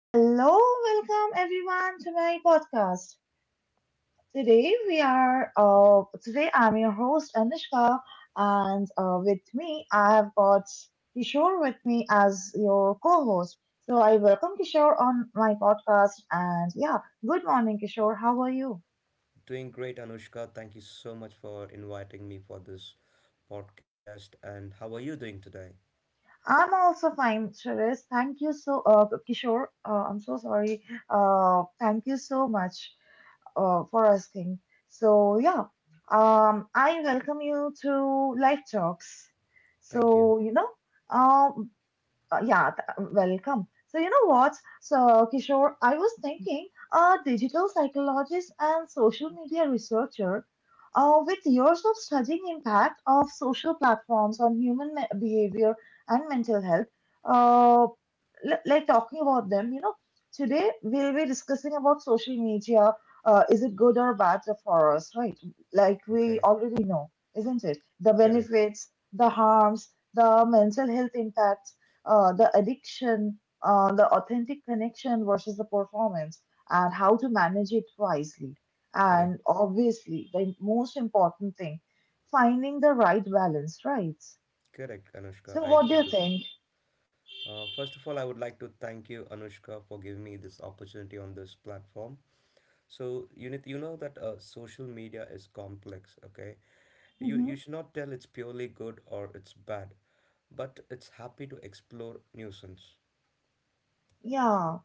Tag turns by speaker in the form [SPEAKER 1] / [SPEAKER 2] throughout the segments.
[SPEAKER 1] Hello, welcome everyone to my podcast. Today we are today I'm your host Anushka and with me I have got Kishore with me as your co-host. So I welcome Kishore on my podcast and yeah, good morning Kishore. How are you?
[SPEAKER 2] Doing great, Anushka. Thank you so much for inviting me for this podcast. And how are you doing today?
[SPEAKER 1] I'm also fine, Suresh. Thank you so Kishore. I'm so sorry. Thank you so much for asking. So yeah, I welcome you to Life Talks.
[SPEAKER 2] Thank you.
[SPEAKER 1] So um, yeah, welcome. So, you know what? So, Kishore, I was thinking a digital psychologist and social media researcher with years of studying impact of social platforms on human behavior and mental health, uh, like talking about them, today we'll be discussing about social media. Is it good or bad for us, right? Like we
[SPEAKER 2] Okay.
[SPEAKER 1] already know, isn't it? The
[SPEAKER 2] Correct.
[SPEAKER 1] benefits, the harms, the mental health impacts the addiction, the authentic connection versus the performance, and how to manage it wisely. And
[SPEAKER 2] Correct.
[SPEAKER 1] obviously, the most important thing, finding the right balance, right?
[SPEAKER 2] Correct,
[SPEAKER 1] So,
[SPEAKER 2] Anushka. I
[SPEAKER 1] what do
[SPEAKER 2] agree
[SPEAKER 1] you
[SPEAKER 2] to that.
[SPEAKER 1] think?
[SPEAKER 2] First of all, I would like to thank you, Anushka, for giving me this opportunity on this platform. So, you need, you know that social media is complex, okay? You,
[SPEAKER 1] Hmm.
[SPEAKER 2] you should not tell it's purely good or it's bad, but it's happy to explore nuisance,
[SPEAKER 1] Yeah.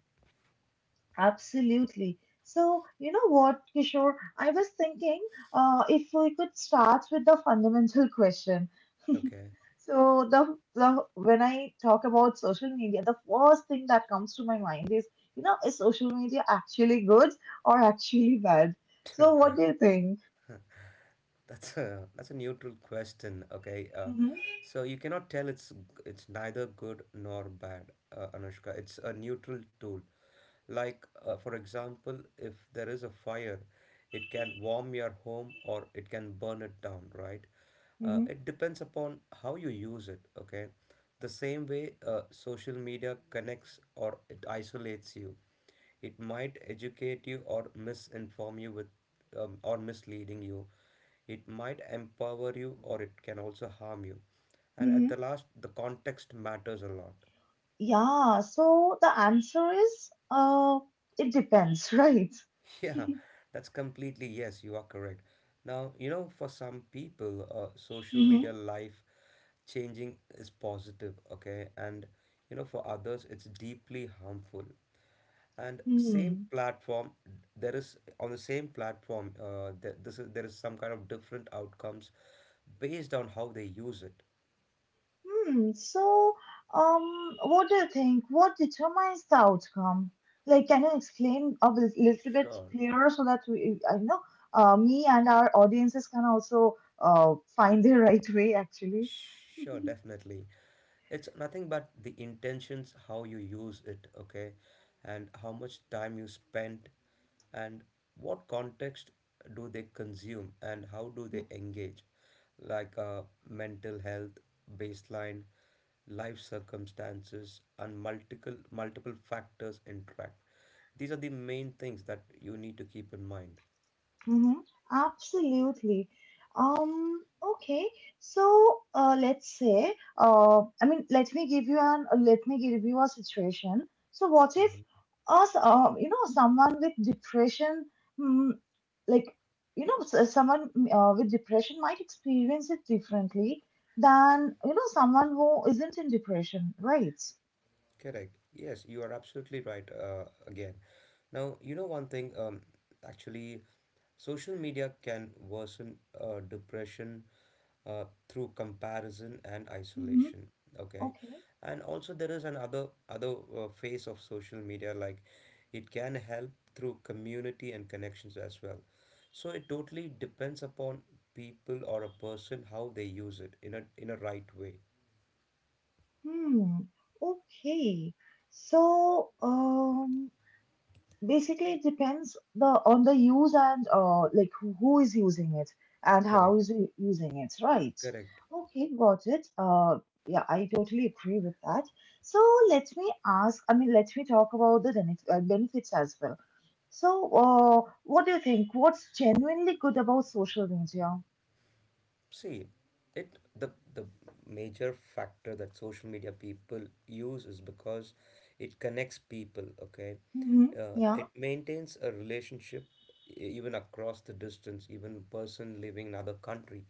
[SPEAKER 1] Absolutely. So, you know what, Kishore? I was thinking if we could start with the fundamental question.
[SPEAKER 2] okay?
[SPEAKER 1] So, the when I talk about social media, the first thing that comes to my mind is social media actually good or actually bad? So, what do you think?
[SPEAKER 2] That's a neutral question, okay?
[SPEAKER 1] hmm
[SPEAKER 2] So you cannot tell it's neither good nor bad, Anushka. It's a neutral tool. Like for example, if there is a fire, it can warm your home or it can burn it down, right?
[SPEAKER 1] hmm
[SPEAKER 2] It depends upon how you use it, okay? The same way social media connects or it isolates you. It might educate you or misinform you with or misleading you. It might empower you or it can also harm you. And at the
[SPEAKER 1] hmm
[SPEAKER 2] last, the context matters a lot.
[SPEAKER 1] Yeah, so the answer is it depends, right?
[SPEAKER 2] Yeah, that's completely yes, you are correct. Now, you know, for some people, social
[SPEAKER 1] hmm
[SPEAKER 2] media life changing is positive, okay? And, you know, for others, it's deeply harmful and same
[SPEAKER 1] hmm
[SPEAKER 2] platform there is on the same platform there, this is there is some kind of different outcomes based on how they use it.
[SPEAKER 1] Hmm. So, what do you think? What determines the outcome? Like, can you explain a little bit
[SPEAKER 2] Sure.
[SPEAKER 1] clearer so that we, I know, me and our audiences can also find the right way, actually?
[SPEAKER 2] Sure, definitely. It's nothing but the intentions, how you use it, okay, and how much time you spend, and what context do they consume, and how do they engage, like mental health, baseline, life circumstances, and multiple factors interact. These are the main things that you need to keep in mind.
[SPEAKER 1] Mm-hmm. Absolutely. Um, okay. So, let's say, I mean, let me give you an, let me give you a situation. So, what if
[SPEAKER 2] Mm-hmm.
[SPEAKER 1] someone with depression, mm, like, someone with depression might experience it differently than, someone who isn't in depression, right?
[SPEAKER 2] Correct. Yes, you are absolutely right. Again, now you know one thing. Actually, social media can worsen depression through comparison and
[SPEAKER 1] Mm-hmm.
[SPEAKER 2] isolation. Okay,
[SPEAKER 1] Okay.
[SPEAKER 2] and also there is another other face of social media like it can help through community and connections as well. So it totally depends upon people or a person how they use it in a right way.
[SPEAKER 1] Hmm. Okay. So, Basically, it depends the on the use and like who is using it and how
[SPEAKER 2] Correct.
[SPEAKER 1] is using it, right?
[SPEAKER 2] Correct.
[SPEAKER 1] Okay, got it. Yeah, I totally agree with that. So let me ask. I mean, let me talk about the benefits as well. So, what do you think? What's genuinely good about social media?
[SPEAKER 2] See, it the major factor that social media people use is because it connects people, okay?
[SPEAKER 1] Mm-hmm. Yeah.
[SPEAKER 2] It maintains a relationship even across the distance, even person living in another country.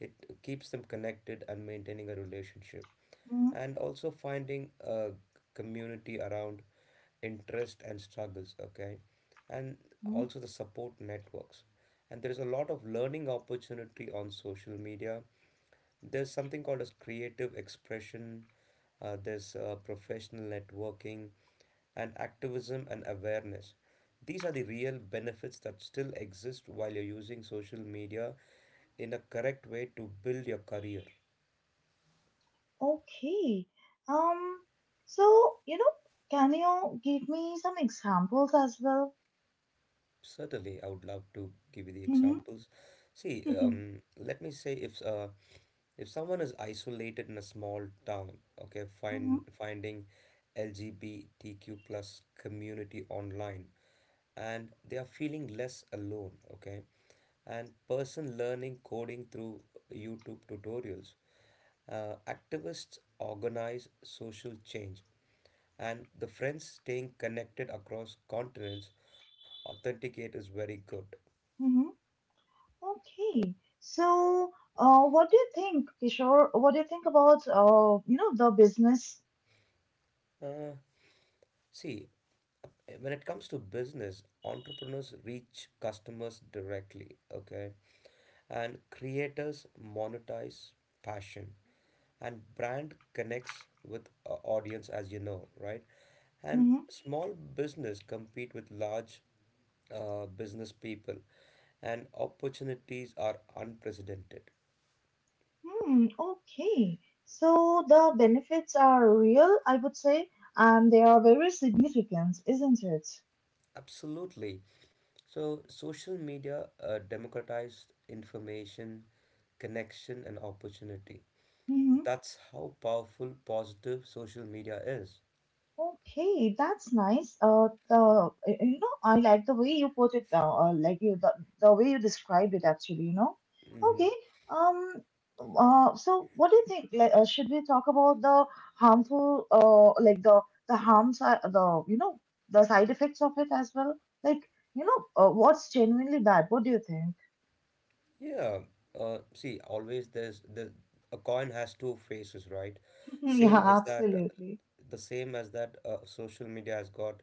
[SPEAKER 2] It keeps them connected and maintaining a relationship
[SPEAKER 1] Mm-hmm.
[SPEAKER 2] and also finding a community around interest and struggles, okay, and
[SPEAKER 1] Mm-hmm.
[SPEAKER 2] also the support networks, and there is a lot of learning opportunity on social media. There's something called as creative expression, there's professional networking and activism and awareness. These are the real benefits that still exist while you're using social media in a correct way to build your career.
[SPEAKER 1] Okay. Um. So can you give me some examples as well?
[SPEAKER 2] Certainly, I would love to give you the
[SPEAKER 1] Mm-hmm.
[SPEAKER 2] examples. See, let me say if someone is isolated in a small town, okay,
[SPEAKER 1] Mm-hmm,
[SPEAKER 2] finding LGBTQ plus community online and they are feeling less alone, okay, and person learning coding through YouTube tutorials, activists organize social change, and the friends staying connected across continents, authenticate is very good.
[SPEAKER 1] mm-hmm. Okay. So, what do you think, Kishore? What do you think about, the business?
[SPEAKER 2] uh, See, when it comes to business, entrepreneurs reach customers directly, okay, and creators monetize passion and brand connects with a audience, as you know, right? And
[SPEAKER 1] Mm-hmm.
[SPEAKER 2] small business compete with large business people, and opportunities are unprecedented.
[SPEAKER 1] Hmm. Okay. So the benefits are real, I would say, and they are very significant, isn't it?
[SPEAKER 2] Absolutely. So social media democratized information, connection and opportunity.
[SPEAKER 1] Mm-hmm.
[SPEAKER 2] That's how powerful positive social media is.
[SPEAKER 1] Okay, that's nice. The y- you know, I like the way you put it down, like the way you described it actually.
[SPEAKER 2] Mhm.
[SPEAKER 1] Okay. Um. So, what do you think? Like, should we talk about the like the harms, the side effects of it as well? Like, what's genuinely bad? What do you think?
[SPEAKER 2] Yeah, see, always there's the a coin has two faces, right?
[SPEAKER 1] Yeah,
[SPEAKER 2] Same as that,
[SPEAKER 1] absolutely.
[SPEAKER 2] the same as that social media has got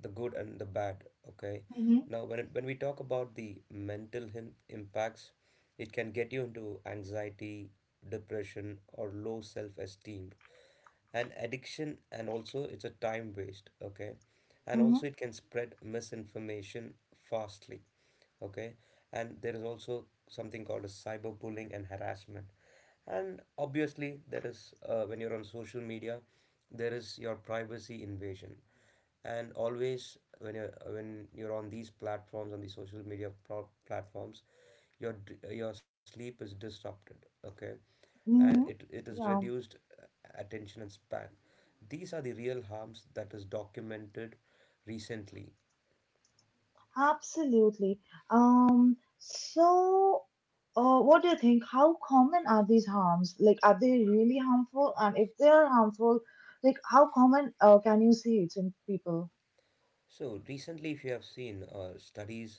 [SPEAKER 2] the good and the bad, okay?
[SPEAKER 1] Mm-hmm.
[SPEAKER 2] Now, when we talk about the mental him impacts, it can get you into anxiety, depression, or low self-esteem and addiction, and also it's a time waste, okay, and
[SPEAKER 1] Mm-hmm.
[SPEAKER 2] also it can spread misinformation fastly, okay, and there is also something called as cyberbullying and harassment, and obviously there is when you're on social media, there is your privacy invasion, and always when you're on these platforms, on these platforms, your sleep is disrupted, okay, and it,
[SPEAKER 1] Mm-hmm.
[SPEAKER 2] it is
[SPEAKER 1] Yeah.
[SPEAKER 2] reduced attention and span. These are the real harms that is documented recently.
[SPEAKER 1] Absolutely. So, what do you think? How common are these harms? Like, are they really harmful? And if they are harmful, like, how common can you see it in people?
[SPEAKER 2] So recently, if you have seen, studies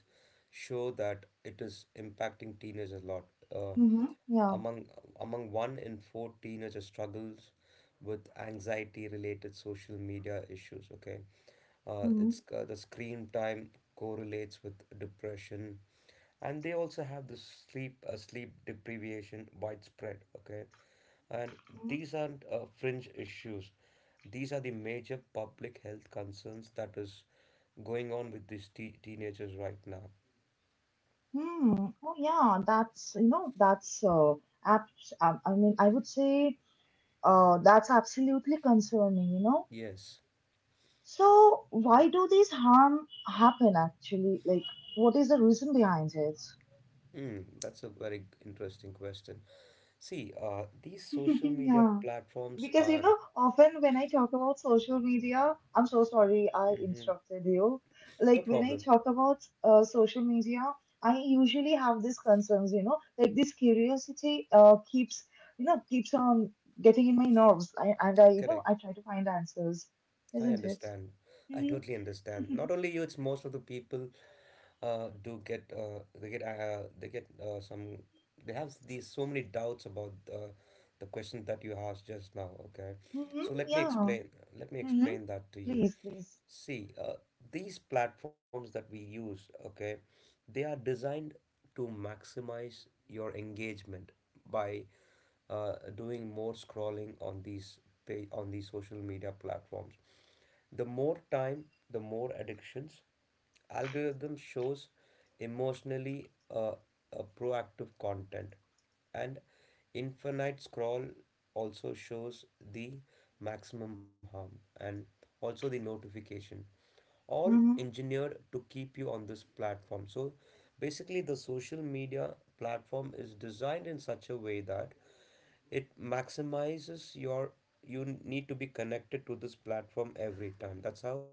[SPEAKER 2] show that it is impacting teenagers a lot. Uh,
[SPEAKER 1] Mm-hmm. Yeah.
[SPEAKER 2] among Among one in four teenagers struggles with anxiety-related social media issues. Okay,
[SPEAKER 1] Mm-hmm.
[SPEAKER 2] it's the screen time correlates with depression, and they also have the sleep deprivation widespread. Okay, and
[SPEAKER 1] Mhm.
[SPEAKER 2] these aren't fringe issues. These are the major public health concerns that is going on with these te teenagers right now.
[SPEAKER 1] Hmm. Oh, yeah. That's, I mean, I would say, that's absolutely concerning, you know?
[SPEAKER 2] Yes.
[SPEAKER 1] So, why do these harm happen actually? Like, what is the reason behind it?
[SPEAKER 2] Mm, that's a very interesting question. See, these social media
[SPEAKER 1] Yeah.
[SPEAKER 2] platforms
[SPEAKER 1] Because
[SPEAKER 2] are—
[SPEAKER 1] often when I talk about social media, I'm so sorry I
[SPEAKER 2] Mhm.
[SPEAKER 1] interrupted you.
[SPEAKER 2] No
[SPEAKER 1] Like when I
[SPEAKER 2] problem.
[SPEAKER 1] talk about social media, I usually have these concerns, like this curiosity keeps on getting in my nerves. I, and I, you know,
[SPEAKER 2] Correct.
[SPEAKER 1] I try to find answers,
[SPEAKER 2] I
[SPEAKER 1] isn't it?
[SPEAKER 2] understand. I
[SPEAKER 1] Mm-hmm.
[SPEAKER 2] totally understand. Not only you, it's most of the people do get they get they get some, they have these so many doubts about the question that you asked just now. Okay,
[SPEAKER 1] Mm-hmm.
[SPEAKER 2] so let me
[SPEAKER 1] Yeah.
[SPEAKER 2] explain. Let me
[SPEAKER 1] Mm-hmm.
[SPEAKER 2] explain that to you.
[SPEAKER 1] Please, please.
[SPEAKER 2] See, these platforms that we use, okay, they are designed to maximize your engagement by doing more scrolling on these pay on these social media platforms. The more time, the more addictions. Algorithm shows emotionally a proactive content, and infinite scroll also shows the maximum harm, and also the notification, all
[SPEAKER 1] Mm-hmm.
[SPEAKER 2] engineered to keep you on this platform. So basically the social media platform is designed in such a way that it maximizes your— you need to be connected to this platform every time. That's how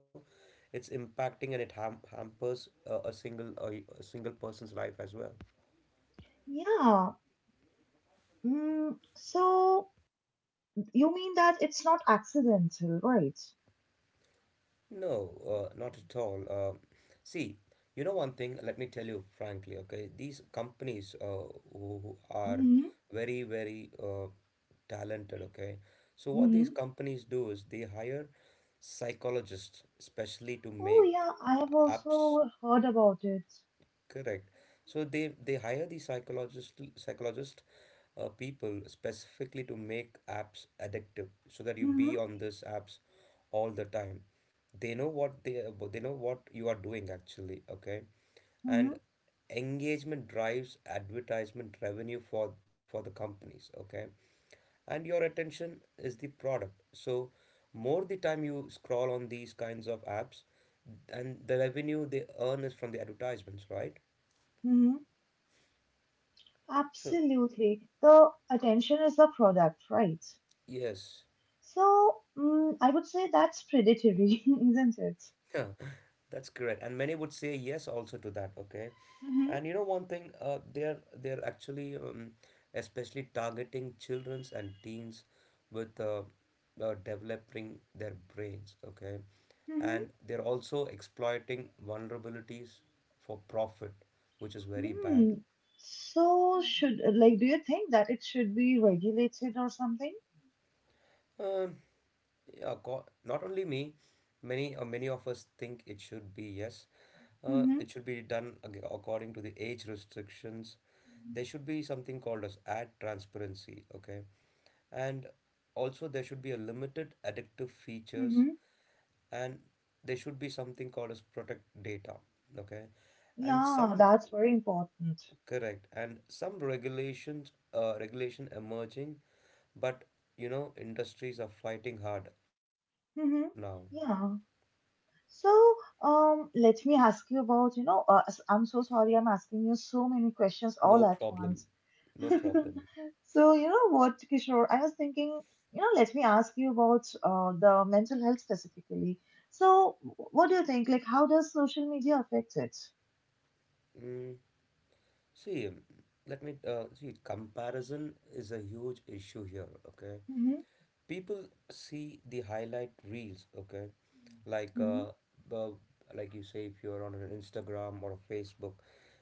[SPEAKER 2] it's impacting and it ham hampers a single person's life as well.
[SPEAKER 1] Yeah. So you mean that it's not accidental, right?
[SPEAKER 2] No, not at all. See, you know one thing, let me tell you frankly, okay? These companies who are
[SPEAKER 1] Mm-hmm.
[SPEAKER 2] very, very talented, okay? So what these companies do is they hire psychologists, especially to
[SPEAKER 1] Oh
[SPEAKER 2] make
[SPEAKER 1] yeah, I have
[SPEAKER 2] apps.
[SPEAKER 1] also heard about it.
[SPEAKER 2] Correct. So they hire the psychologist people specifically to make apps addictive, so that you be
[SPEAKER 1] hmm
[SPEAKER 2] on these apps all the time. They know what they know what you are doing, actually. Okay, and
[SPEAKER 1] hmm
[SPEAKER 2] engagement drives advertisement revenue for the companies. Okay, and your attention is the product. So more the time you scroll on these kinds of apps, and the revenue they earn is from the advertisements, right?
[SPEAKER 1] hmm
[SPEAKER 2] So
[SPEAKER 1] Absolutely. The attention is the product, right?
[SPEAKER 2] yes.
[SPEAKER 1] So I would say that's predatory, isn't it?
[SPEAKER 2] Yeah, that's correct. And many would say yes also to that, okay?
[SPEAKER 1] hmm
[SPEAKER 2] And you know one thing, they're actually especially targeting childrens and teens with developing their brains, okay?
[SPEAKER 1] hmm
[SPEAKER 2] And they're also exploiting vulnerabilities for profit, which is very bad.
[SPEAKER 1] Hmm. So do you think that it should be regulated or something?
[SPEAKER 2] Um, yeah, not only me, many many of us think it should be, yes.
[SPEAKER 1] hmm
[SPEAKER 2] It should be done according to the age restrictions. There should be something called as ad transparency, okay? And also there should be a limited addictive features,
[SPEAKER 1] hmm
[SPEAKER 2] and there should be something called as protect data, okay? And
[SPEAKER 1] Yeah,
[SPEAKER 2] some—
[SPEAKER 1] that's very important.
[SPEAKER 2] Correct, and some regulations, regulation emerging, but you know, industries are fighting hard now.
[SPEAKER 1] Hmm. Yeah. So, let me ask you about, I'm so sorry I'm asking you so many questions
[SPEAKER 2] No
[SPEAKER 1] all at
[SPEAKER 2] problem,
[SPEAKER 1] once.
[SPEAKER 2] no problem.
[SPEAKER 1] So, you know what, Kishore, I was thinking, let me ask you about the mental health specifically. So, what do you think? Like, how does social media affect it?
[SPEAKER 2] Mm, see, let me see. Comparison is a huge issue here. Okay,
[SPEAKER 1] Mm-hmm,
[SPEAKER 2] people see the highlight reels, okay, like
[SPEAKER 1] mm-hmm,
[SPEAKER 2] uh, uh like you say, if you're on an Instagram or a Facebook,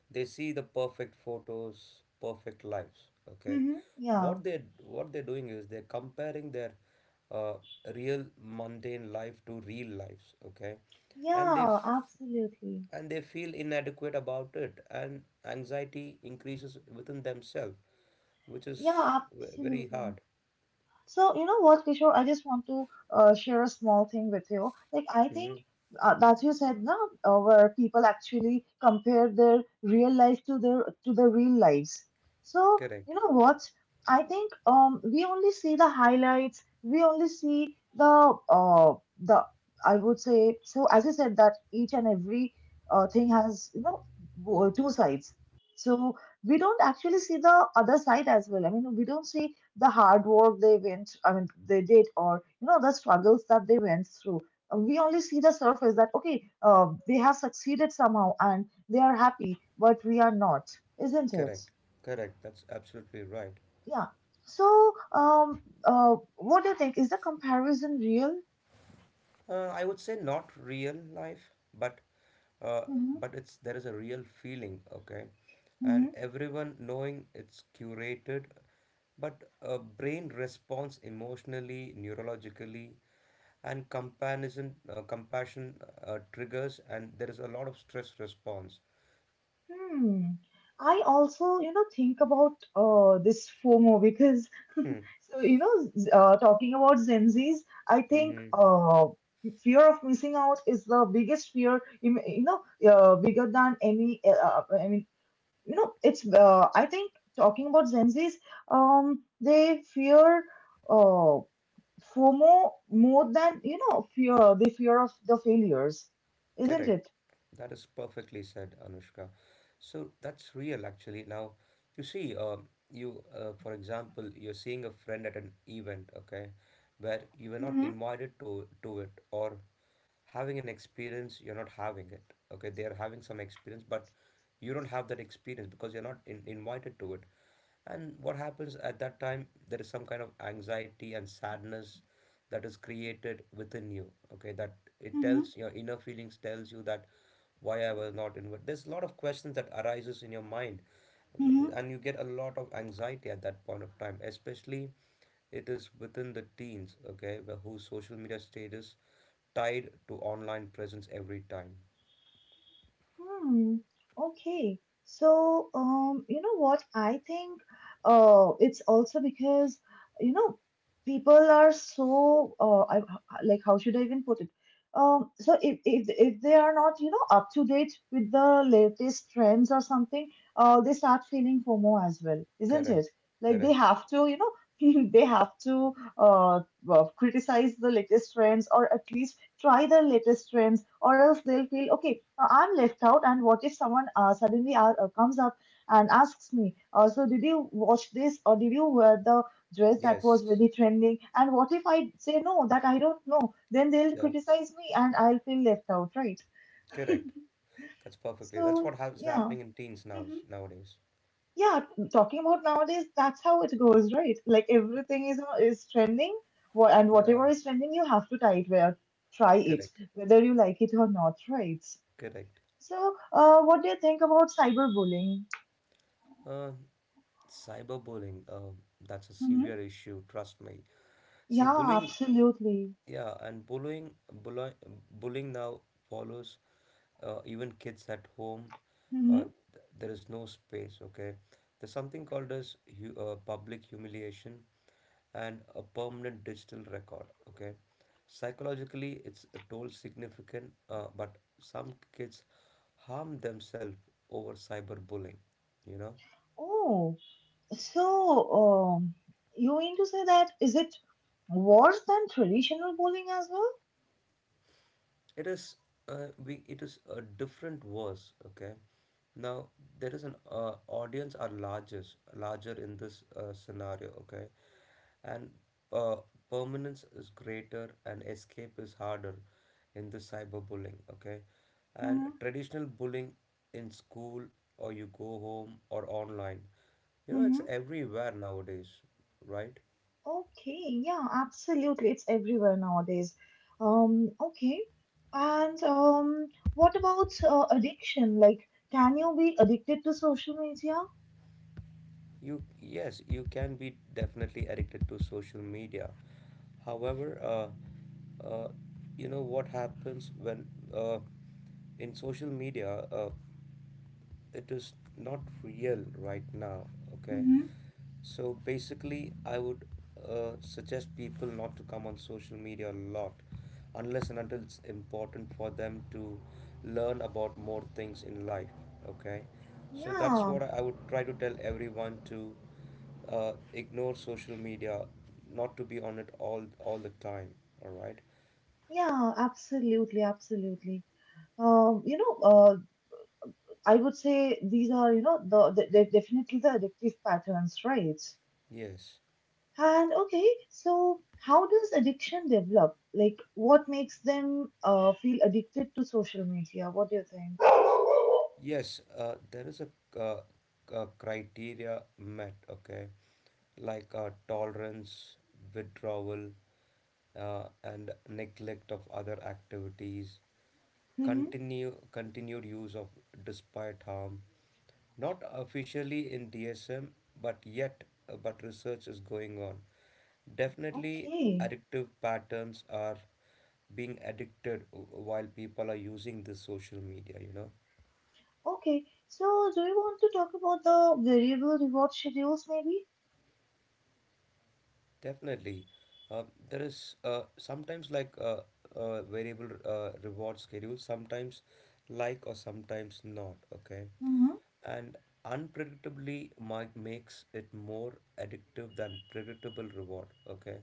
[SPEAKER 2] they see the perfect photos, perfect lives, okay.
[SPEAKER 1] mm-hmm. Yeah,
[SPEAKER 2] What they're doing is they're comparing their uh, real mundane life to real lives, okay, and they
[SPEAKER 1] yeah,
[SPEAKER 2] f-
[SPEAKER 1] absolutely.
[SPEAKER 2] and they feel inadequate about it and anxiety increases within themselves, which is
[SPEAKER 1] Yeah,
[SPEAKER 2] very
[SPEAKER 1] absolutely.
[SPEAKER 2] hard.
[SPEAKER 1] So, you know what, Kishore, I just want to share a small thing with you. Like, I think
[SPEAKER 2] Mm-hmm.
[SPEAKER 1] that you said, no, where people actually compare their real life to their real lives. So,
[SPEAKER 2] Correct.
[SPEAKER 1] you know what? I think we only see the highlights. We only see the I would say so. As you said, that each and every thing has two sides. So we don't actually see the other side as well. I mean, we don't see the hard work they went, I mean, they did, or the struggles that they went through. We only see the surface that okay, they have succeeded somehow and they are happy, but we are not, isn't it?
[SPEAKER 2] Correct, correct. That's absolutely right.
[SPEAKER 1] Yeah. So, what do you think? Is the comparison real?
[SPEAKER 2] I would say not real life, but uh,
[SPEAKER 1] Mm-hmm.
[SPEAKER 2] but it's, there is a real feeling, okay, and
[SPEAKER 1] Mm-hmm.
[SPEAKER 2] everyone knowing it's curated, but brain responds emotionally, neurologically, and comparison, compassion triggers, and there is a lot of stress response.
[SPEAKER 1] Hmm. I also, think about this FOMO because,
[SPEAKER 2] Hmm.
[SPEAKER 1] so talking about Gen Zs, I think
[SPEAKER 2] Hmm.
[SPEAKER 1] fear of missing out is the biggest fear, bigger than any. I mean, it's. I think talking about Gen Zs, they fear uh, FOMO more than fear. They fear of the failures, isn't
[SPEAKER 2] Correct.
[SPEAKER 1] it?
[SPEAKER 2] That is perfectly said, Anushka. So that's real, actually. Now, you see, for example, you're seeing a friend at an event, okay, where you were not
[SPEAKER 1] Mm-hmm,
[SPEAKER 2] invited to it, or having an experience you're not having it, okay, they're having some experience, but you don't have that experience because you're not in, invited to it, and what happens at that time, there is some kind of anxiety and sadness that is created within you, okay, that it
[SPEAKER 1] mm-hmm,
[SPEAKER 2] tells your inner feelings, tells you that why I was not invited. There's a lot of questions that arises in your mind,
[SPEAKER 1] mm-hmm.
[SPEAKER 2] and you get a lot of anxiety at that point of time, especially it is within the teens, okay, whose social media status tied to online presence every time.
[SPEAKER 1] Hmm. Okay. So, you know what? I think, it's also because, you know, people are so, like, how should I even put it? So if they are not, up to date with the latest trends or something, they start feeling FOMO as well, isn't
[SPEAKER 2] Correct.
[SPEAKER 1] it? Like they
[SPEAKER 2] Correct.
[SPEAKER 1] have to, they have to, uh, well, criticize the latest trends or at least try the latest trends, or else they'll feel okay I'm left out, and what if someone suddenly comes up and asks me, so did you watch this or did you wear the dress that was
[SPEAKER 2] Yes.
[SPEAKER 1] really trending? And what if I say no, that I don't know? Then they'll
[SPEAKER 2] Yeah.
[SPEAKER 1] criticize me and I'll feel left out, right?
[SPEAKER 2] Correct. That's perfectly. That's
[SPEAKER 1] So,
[SPEAKER 2] what has
[SPEAKER 1] yeah.
[SPEAKER 2] happening in teens now,
[SPEAKER 1] Hmm.
[SPEAKER 2] nowadays.
[SPEAKER 1] Yeah, talking about nowadays, that's how it goes, right? Like everything is trending, and
[SPEAKER 2] Yeah.
[SPEAKER 1] whatever is trending, you have to try it, wear, try it,
[SPEAKER 2] Correct.
[SPEAKER 1] whether you like it or not, right?
[SPEAKER 2] Correct.
[SPEAKER 1] So, what do you think about cyberbullying?
[SPEAKER 2] Uh, Cyberbullying. That's a
[SPEAKER 1] Mm-hmm.
[SPEAKER 2] severe issue. Trust me. See,
[SPEAKER 1] Yeah,
[SPEAKER 2] bullying.
[SPEAKER 1] absolutely.
[SPEAKER 2] Yeah, and bullying, bullying now follows even kids at home. Uh,
[SPEAKER 1] Mm-hmm.
[SPEAKER 2] there is no space, okay? There's something called as hu public humiliation and a permanent digital record, okay? Psychologically, it's a toll significant, but some kids harm themselves over cyberbullying, you know?
[SPEAKER 1] Oh, so you mean to say that is it worse than traditional bullying as well?
[SPEAKER 2] It is it is a different verse, okay? Now there is an audience are largest larger in this scenario, okay? And uh, permanence is greater and escape is harder in the cyberbullying, okay? And
[SPEAKER 1] Mm-hmm.
[SPEAKER 2] traditional bullying in school or you go home or online, you know it's
[SPEAKER 1] Mm-hmm.
[SPEAKER 2] everywhere nowadays, right?
[SPEAKER 1] Okay, yeah, absolutely. It's everywhere nowadays. Okay. And what about addiction? Like, can you be addicted to social media?
[SPEAKER 2] You Yes, you can be definitely addicted to social media. However, uh, you know what happens when uh, in social media, it is not real right now. Okay,
[SPEAKER 1] Mm-hmm.
[SPEAKER 2] so basically, I would suggest people not to come on social media a lot unless and until it's important for them to learn about more things in life. Okay, so that's
[SPEAKER 1] Yeah,
[SPEAKER 2] what I would try to tell everyone to ignore social media, not to be on it all the time. All right,
[SPEAKER 1] yeah, absolutely, absolutely. Um, you know, uh, I would say these are, you know, the definitely the addictive patterns, right?
[SPEAKER 2] yes.
[SPEAKER 1] And okay, so how does addiction develop? Like, what makes them feel addicted to social media? What do you think?
[SPEAKER 2] Yes, there is a, uh, criteria met, okay, like tolerance, withdrawal, and neglect of other activities,
[SPEAKER 1] Mm-hmm.
[SPEAKER 2] continued use of despite harm, not officially in DSM, but yet, but research is going on. Definitely,
[SPEAKER 1] Okay,
[SPEAKER 2] addictive patterns are being addicted while people are using this social media.
[SPEAKER 1] okay. So, do you want to talk about the variable reward schedules, maybe?
[SPEAKER 2] Definitely. Uh, there is sometimes like variable reward schedule, sometimes like or sometimes not. Okay.
[SPEAKER 1] Mm-hmm.
[SPEAKER 2] And unpredictably makes it more addictive than predictable reward. Okay.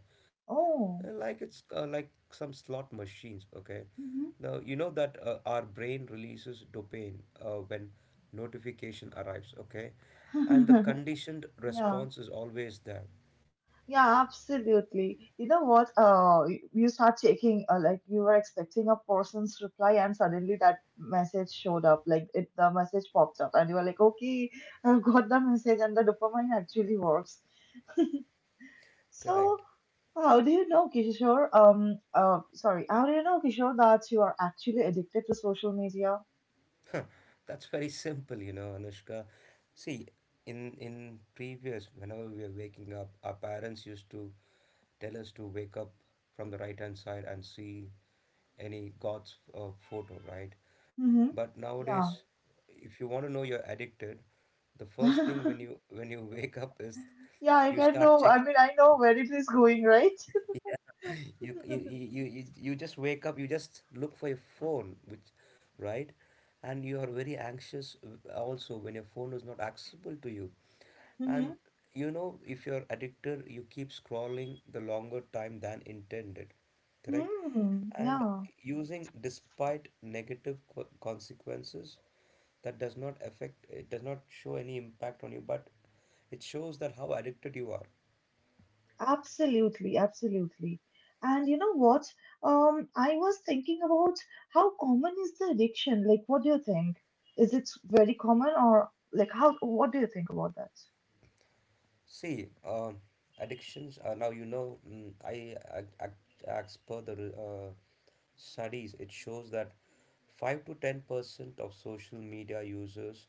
[SPEAKER 1] Oh.
[SPEAKER 2] Like it's like some slot machines. Okay. Now, you know that our brain releases dopamine when notification arrives. Okay. And the
[SPEAKER 1] Mm-hmm.
[SPEAKER 2] conditioned
[SPEAKER 1] Yeah.
[SPEAKER 2] response is always there.
[SPEAKER 1] Yeah, absolutely. You know what? You start checking, like you were expecting a person's reply, and suddenly that message showed up. Like the message popped up, and you were like, "Okay, I've got the message, and the dopamine actually works." So,
[SPEAKER 2] Correct.
[SPEAKER 1] how do you know, Kishore? Sorry, how do you know, Kishore, that you are actually addicted to social media?
[SPEAKER 2] That's very simple, Anushka. See, in previous, whenever we were waking up, our parents used to tell us to wake up from the right hand side and see any God's photo, right?
[SPEAKER 1] Mm-hmm.
[SPEAKER 2] But nowadays,
[SPEAKER 1] Yeah.
[SPEAKER 2] if you want to know you're addicted, the first thing when you when you wake up is
[SPEAKER 1] Yeah, I
[SPEAKER 2] you
[SPEAKER 1] can
[SPEAKER 2] start
[SPEAKER 1] know. I
[SPEAKER 2] check,
[SPEAKER 1] mean, I know where it is going, right?
[SPEAKER 2] yeah. You just wake up, you just look for your phone, which, right? And you are very anxious also when your phone is not accessible to you.
[SPEAKER 1] Mm-hmm.
[SPEAKER 2] And if you're addicted, you keep scrolling the longer time than intended, correct?
[SPEAKER 1] Hmm.
[SPEAKER 2] And
[SPEAKER 1] Yeah.
[SPEAKER 2] using despite negative consequences, that does not affect, it does not show any impact on you, but it shows that how addicted you are.
[SPEAKER 1] Absolutely, absolutely. And you know what? I was thinking about how common is the addiction? Like, what do you think? Is it very common or what do you think about that?
[SPEAKER 2] See, addictions are now, as per the studies, it shows that 5 to 10% of social media users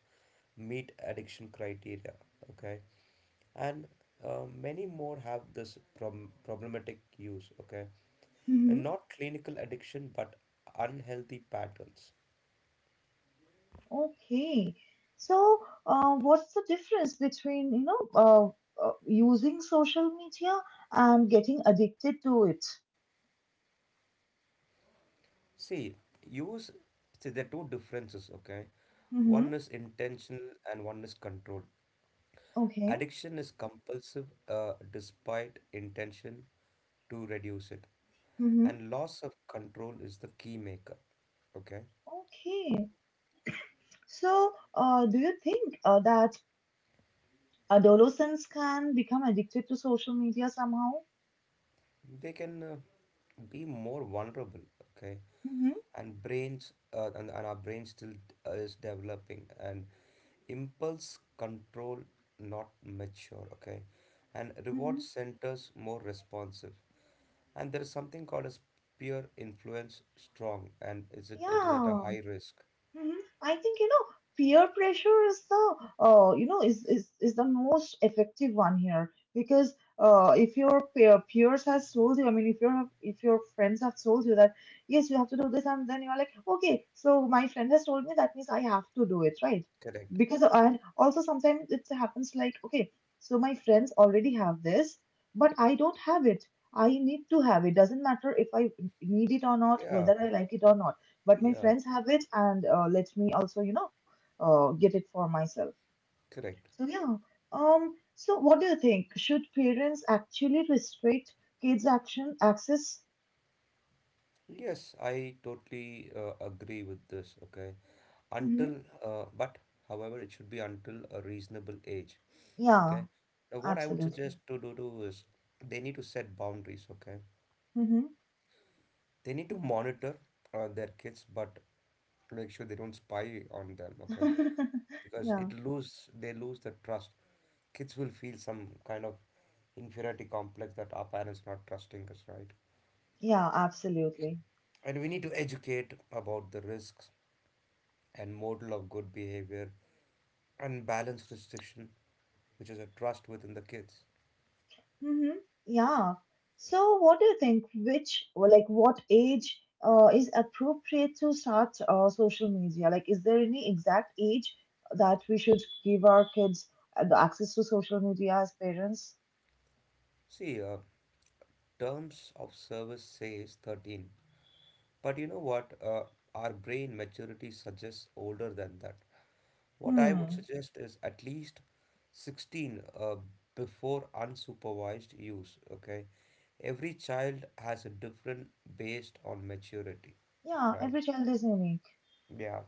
[SPEAKER 2] meet addiction criteria, okay? And many more have this problematic use, okay? And
[SPEAKER 1] Mm-hmm.
[SPEAKER 2] not clinical addiction, but unhealthy patterns.
[SPEAKER 1] Okay. So, what's the difference between, using social media and getting addicted to it?
[SPEAKER 2] See, use, see, there are two differences, okay? One is
[SPEAKER 1] Mm-hmm.
[SPEAKER 2] intentional and one is controlled.
[SPEAKER 1] Okay.
[SPEAKER 2] Addiction is compulsive despite intention to reduce it, and
[SPEAKER 1] Mm-hmm.
[SPEAKER 2] loss of control is the key maker. Okay,
[SPEAKER 1] Okay. So, do you think that adolescents can become addicted to social media somehow.
[SPEAKER 2] they can be more vulnerable. Okay,
[SPEAKER 1] hmm
[SPEAKER 2] and our brain still is developing, and impulse control not mature. Okay, and reward
[SPEAKER 1] hmm
[SPEAKER 2] centers more responsive, and there is something called as peer influence strong, and is it it is at a
[SPEAKER 1] Yeah.
[SPEAKER 2] high risk.
[SPEAKER 1] Mhm. I think peer pressure is the you know is the most effective one here because if your peers has told you. If your friends have told you that yes, you have to do this, and then you're like, okay, so my friend has told me, that means I have to do it, right?
[SPEAKER 2] Correct.
[SPEAKER 1] Because, and also sometimes it happens like, okay, so my friends already have this, but I don't have it. I need to have it. Doesn't matter if I need it or not,
[SPEAKER 2] Yeah,
[SPEAKER 1] whether I like it or not, but my
[SPEAKER 2] yeah,
[SPEAKER 1] friends have it, and let me also, get it for myself.
[SPEAKER 2] correct.
[SPEAKER 1] So yeah. So what do you think? Should parents actually restrict kids' action access?
[SPEAKER 2] Yes, I totally agree with this. Okay,
[SPEAKER 1] Hmm.
[SPEAKER 2] until but however, it should be until a reasonable age. Okay,
[SPEAKER 1] Yeah,
[SPEAKER 2] now what I would
[SPEAKER 1] absolutely.
[SPEAKER 2] suggest to do is they need to set boundaries. Okay,
[SPEAKER 1] Hmm.
[SPEAKER 2] they need to monitor their kids, but make sure they don't spy on them. Okay, because
[SPEAKER 1] Yeah,
[SPEAKER 2] it lose they lose the trust. Kids will feel some kind of inferiority complex that our parents are not trusting us, right?
[SPEAKER 1] yeah, absolutely.
[SPEAKER 2] And we need to educate about the risks and model of good behavior and balanced restriction, which is a trust within the kids.
[SPEAKER 1] Mm-hmm. Yeah. So, what do you think? What age is appropriate to start social media? Like, is there any exact age that we should give our kids the access to social media as parents?
[SPEAKER 2] See, terms of service says 13, but you know what? Our brain maturity suggests older than that. What I would
[SPEAKER 1] Hmm.
[SPEAKER 2] suggest is at least 16 before unsupervised use, okay? Every child has a different based on maturity,
[SPEAKER 1] Yeah,
[SPEAKER 2] right?
[SPEAKER 1] every child is unique.
[SPEAKER 2] Yeah,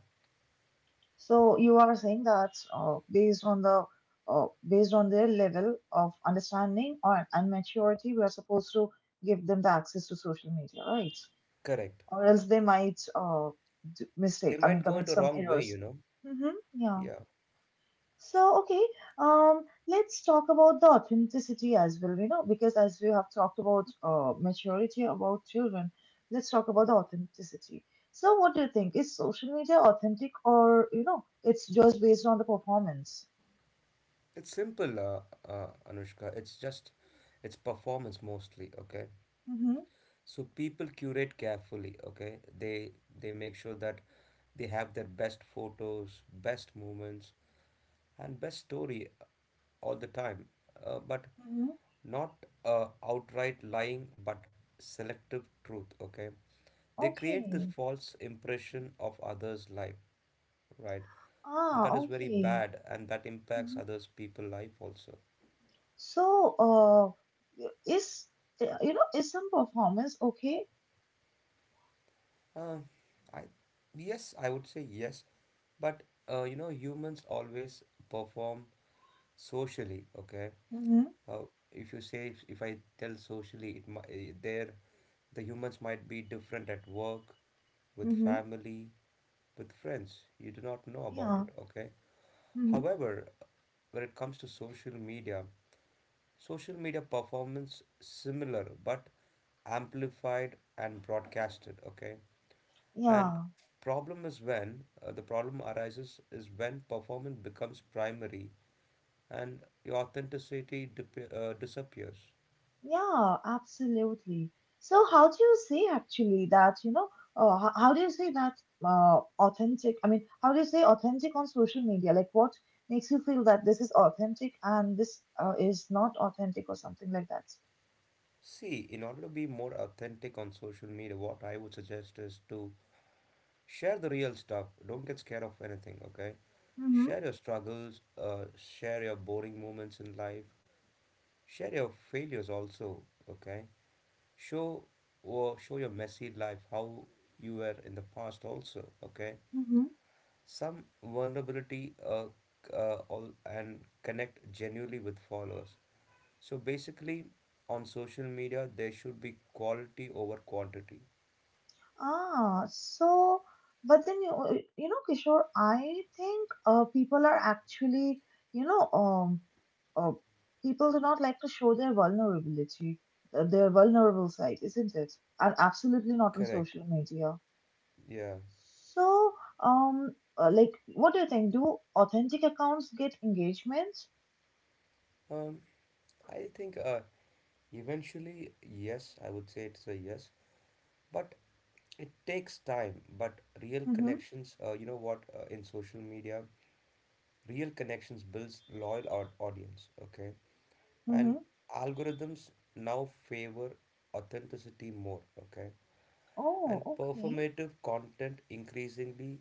[SPEAKER 1] So, you are saying that based on the based on their level of understanding or and maturity, we are supposed to give them the access to social media, right?
[SPEAKER 2] correct.
[SPEAKER 1] Or else they might
[SPEAKER 2] They might
[SPEAKER 1] I
[SPEAKER 2] go
[SPEAKER 1] mean,
[SPEAKER 2] into
[SPEAKER 1] commit
[SPEAKER 2] wrong
[SPEAKER 1] some
[SPEAKER 2] way.
[SPEAKER 1] errors. Mm-hmm. Yeah.
[SPEAKER 2] Yeah,
[SPEAKER 1] So, okay, let's talk about the authenticity as well, you know, because as we have talked about maturity about children, let's talk about the authenticity. So, what do you think? Is social media authentic, or, you know, it's just based on the performance?
[SPEAKER 2] it's simple, Anushka. It's performance mostly. Okay,
[SPEAKER 1] Mm-hmm.
[SPEAKER 2] so people curate carefully. Okay, they make sure that they have their best photos, best moments, and best story all the time, but
[SPEAKER 1] Mm-hmm.
[SPEAKER 2] not outright lying, but selective truth. Okay, they create this
[SPEAKER 1] Okay.
[SPEAKER 2] false impression of others' life, right? And
[SPEAKER 1] Ah,
[SPEAKER 2] that is very
[SPEAKER 1] okay.
[SPEAKER 2] bad, and that impacts
[SPEAKER 1] Mhm.
[SPEAKER 2] others' people' life also.
[SPEAKER 1] So, you know, is some performance okay.
[SPEAKER 2] Uh, I Yes, I would say yes, but you know humans always perform socially. Okay,
[SPEAKER 1] Mm-hmm.
[SPEAKER 2] uh, if you say if, I tell socially it might there the humans might be different at work with
[SPEAKER 1] Mm-hmm.
[SPEAKER 2] family with friends you do not know about
[SPEAKER 1] Yeah.
[SPEAKER 2] it, okay.
[SPEAKER 1] Mm-hmm.
[SPEAKER 2] However, when it comes to social media, social media performance similar but amplified and broadcasted, okay. And
[SPEAKER 1] Yeah.
[SPEAKER 2] problem is when the problem arises is when performance becomes primary and your authenticity disappears.
[SPEAKER 1] Yeah, absolutely. So how do you say actually that, how do you say that authentic? I mean, how do you say authentic on social media? Like what makes you feel that this is authentic and this is not authentic or something like that?
[SPEAKER 2] See, in order to be more authentic on social media, what I would suggest is to share the real stuff. Don't get scared of anything, okay?
[SPEAKER 1] Mm-hmm.
[SPEAKER 2] Share your struggles, share your boring moments in life, share your failures also, okay? Show Show your messy life how you were in the past also, okay?
[SPEAKER 1] Mm-hmm.
[SPEAKER 2] Some vulnerability all, and connect genuinely with followers. So basically, on social media, there should be quality over quantity.
[SPEAKER 1] Ah, so, but then you know, Kishore, I think people are actually, you know, um, uh, people do not like to show their vulnerability, their vulnerable side, isn't it? And absolutely not on
[SPEAKER 2] Correct.
[SPEAKER 1] social media.
[SPEAKER 2] Yeah.
[SPEAKER 1] So, um, like, what do you think? Do authentic accounts get engagement?
[SPEAKER 2] Um, I think eventually, yes, I would say it's a yes, but it takes time. But real
[SPEAKER 1] Mm-hmm.
[SPEAKER 2] connections, you know what, in social media, real connections builds loyal audience, okay? And
[SPEAKER 1] Mm-hmm.
[SPEAKER 2] algorithms now favor authenticity more, okay?
[SPEAKER 1] Oh,
[SPEAKER 2] And
[SPEAKER 1] okay.
[SPEAKER 2] performative content increasingly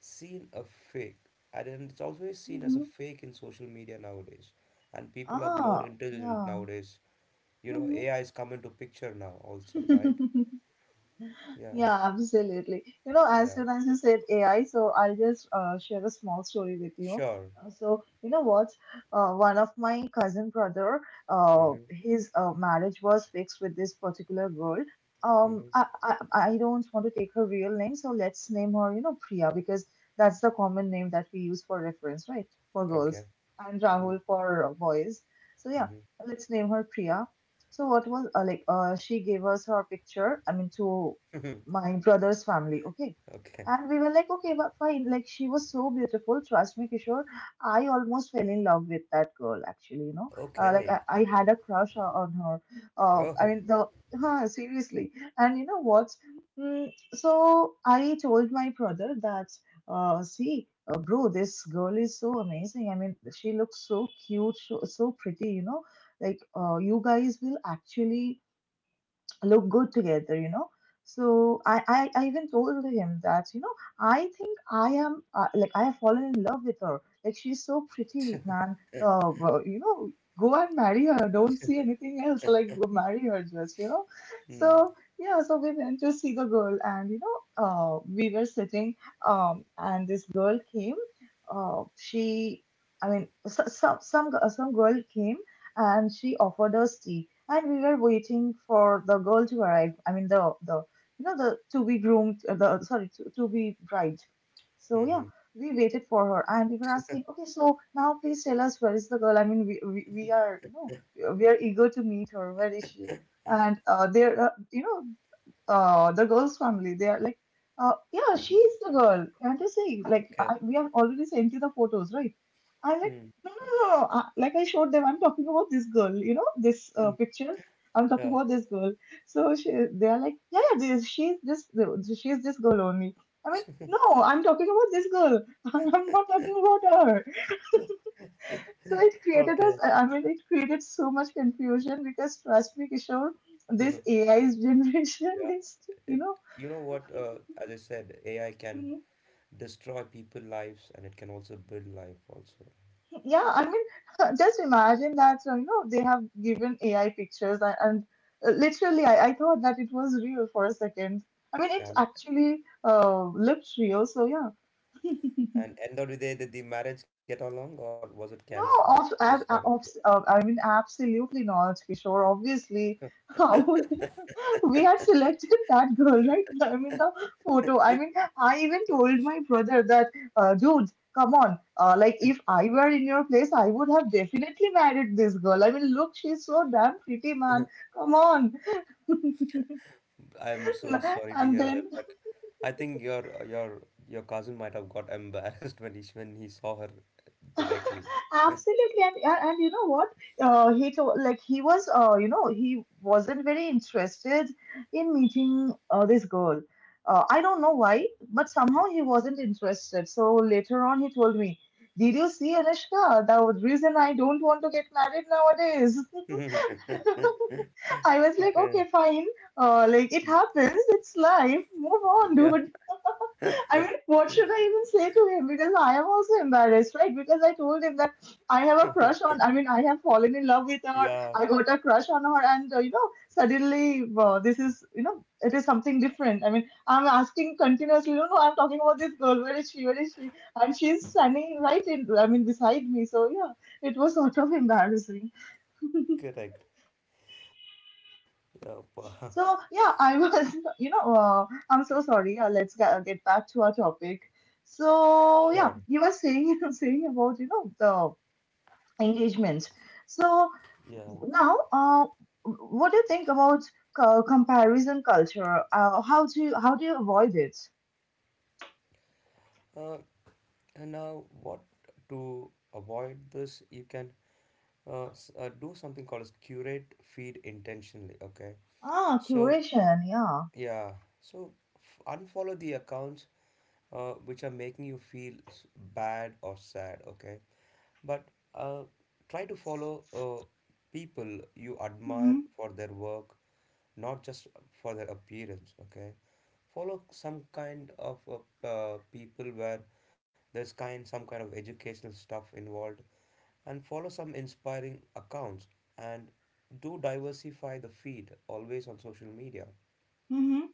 [SPEAKER 2] seen a fake, and it's always seen as a
[SPEAKER 1] Hmm.
[SPEAKER 2] fake in social media nowadays, and people are more
[SPEAKER 1] Ah,
[SPEAKER 2] intelligent
[SPEAKER 1] yeah.
[SPEAKER 2] nowadays. You know AI is coming to picture now also, right?
[SPEAKER 1] Mm-hmm.
[SPEAKER 2] Yeah.
[SPEAKER 1] Yeah, absolutely. You know, as
[SPEAKER 2] Yeah.
[SPEAKER 1] soon as you said AI, so I'll just share a small story with you.
[SPEAKER 2] Sure.
[SPEAKER 1] So, you know what? One of my cousin brother,
[SPEAKER 2] Mm-hmm.
[SPEAKER 1] his marriage was fixed with this particular girl. Um,
[SPEAKER 2] Mm-hmm.
[SPEAKER 1] I, I I don't want to take her real name, so let's name her, you know, Priya, because that's the common name that we use for reference, right? For girls,
[SPEAKER 2] Okay.
[SPEAKER 1] and Rahul for boys. So yeah,
[SPEAKER 2] Mm-hmm.
[SPEAKER 1] let's name her Priya. So what was like? She gave us her picture. I mean, to my brother's family, okay?
[SPEAKER 2] Okay.
[SPEAKER 1] And we were like, okay, but fine. Like, she was so beautiful. Trust me, Kishore. I almost fell in love with that girl, actually, you know? Like,
[SPEAKER 2] Okay.
[SPEAKER 1] I had a crush on her.
[SPEAKER 2] Oh.
[SPEAKER 1] I mean, huh, seriously. And you know what? Mm, so I told my brother that, see, bro, this girl is so amazing. I mean, she looks so cute, so pretty, you know? Like, you guys will actually look good together, you know. So I even told him that, you know, I think I am like I have fallen in love with her. Like she's so pretty, man. Well, you know, go and marry her. Don't see anything else. Like go marry her, just you know.
[SPEAKER 2] Mm.
[SPEAKER 1] So yeah, so we went to see the girl, and you know, we were sitting, and this girl came. She, I mean, so, so, some girl came and she offered us tea. And we were waiting for the girl to arrive. I mean, the you know the to be groomed, the sorry to be bride. So yeah,
[SPEAKER 2] Mm-hmm.
[SPEAKER 1] we waited for her, and we were asking, okay, so now please tell us, where is the girl? I mean, we are, we are eager to meet her. Where is she? And you know, the girl's family. They are like, yeah, she's the girl. Can't you see? Like,
[SPEAKER 2] Okay.
[SPEAKER 1] we have already sent you the photos, right? I'm like,
[SPEAKER 2] Mm.
[SPEAKER 1] no, no, no. no. I, like I showed them, I'm talking about this girl. You know, this
[SPEAKER 2] Mm.
[SPEAKER 1] picture. I'm talking
[SPEAKER 2] Yeah.
[SPEAKER 1] about this girl. So they are like, yeah, yeah, she's she's this girl only. I mean, no, I'm talking about this girl. I'm not talking about her. So it created us.
[SPEAKER 2] Okay.
[SPEAKER 1] I mean, it created so much confusion because trust me, Kishore,
[SPEAKER 2] Yeah.
[SPEAKER 1] this AI's generation is, you
[SPEAKER 2] it
[SPEAKER 1] know.
[SPEAKER 2] You know what, as I said, AI can destroy people lives, and it can also build life also.
[SPEAKER 1] Yeah, I mean, just imagine that, you know, they have given AI pictures, and literally I thought that it was real for a second. I mean, it
[SPEAKER 2] and
[SPEAKER 1] actually looked real. So yeah,
[SPEAKER 2] And end of the day, did the marriage get along or was it
[SPEAKER 1] no,
[SPEAKER 2] cancelled?
[SPEAKER 1] of,
[SPEAKER 2] Just out of
[SPEAKER 1] ab, of, I mean, absolutely not, Kishore. Obviously, how would we had selected that girl, right? I mean, the photo. I mean, I even told my brother that, dude, come on. Like, if I were in your place, I would have definitely married this girl. I mean, look, she's so damn pretty, man. Come on.
[SPEAKER 2] curiosity. I'm so sorry to
[SPEAKER 1] And
[SPEAKER 2] hear that,
[SPEAKER 1] then
[SPEAKER 2] but I think your cousin might have got embarrassed when he saw her directly.
[SPEAKER 1] absolutely, and you know what? He told like he was you know he wasn't very interested in meeting this girl. I don't know why, but somehow he wasn't interested. So later on, he told me, "Did you see Anushka? The reason I don't want to get married nowadays." I was like,
[SPEAKER 2] Okay.
[SPEAKER 1] "Okay, fine. Like it happens. It's life. Move on,
[SPEAKER 2] Yeah.
[SPEAKER 1] dude." I mean, what should I even say to him? Because I am also embarrassed, right? Because I told him that I have a crush on, I mean, I have fallen in love with her,
[SPEAKER 2] Yeah.
[SPEAKER 1] I got a crush on her, and, you know, suddenly this is, you know, it is something different. I mean, I'm asking continuously, you know, I'm talking about this girl, where is she, where is she? And she's standing right in, I mean, beside me. So, yeah, it was sort of embarrassing.
[SPEAKER 2] Correct. Yeah.
[SPEAKER 1] So yeah, I was, you know, I'm so sorry. Let's get back to our topic. So
[SPEAKER 2] Sure.
[SPEAKER 1] yeah, you were saying saying about you know the engagement. So
[SPEAKER 2] Yeah.
[SPEAKER 1] now, what do you think about comparison culture? How do you avoid it?
[SPEAKER 2] Uh, and now, what to avoid this, you can do something called as curate feed intentionally. Okay,
[SPEAKER 1] Ah,
[SPEAKER 2] so
[SPEAKER 1] curation. Yeah.
[SPEAKER 2] yeah, so unfollow the accounts which are making you feel bad or sad. Okay, but uh, try to follow people you admire
[SPEAKER 1] Mm-hmm.
[SPEAKER 2] for their work, not just for their appearance. Okay, follow some kind of people where there's kind some kind of educational stuff involved, and follow some inspiring accounts, and do diversify the feed always on social media.
[SPEAKER 1] Mm-hmm.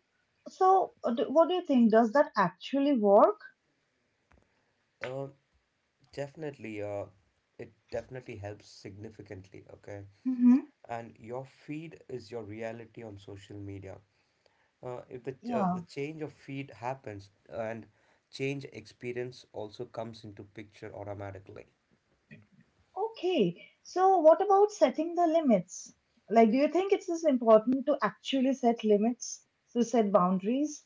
[SPEAKER 1] So what do you think? Does that actually work?
[SPEAKER 2] Um definitely uh, it definitely helps significantly, okay.
[SPEAKER 1] Mm-hmm.
[SPEAKER 2] And your feed is your reality on social media. If the uh,
[SPEAKER 1] Yeah.
[SPEAKER 2] the change of feed happens, and change experience also comes into picture automatically.
[SPEAKER 1] Okay, so what about setting the limits? Like, do you think it is important to actually set limits, to set boundaries?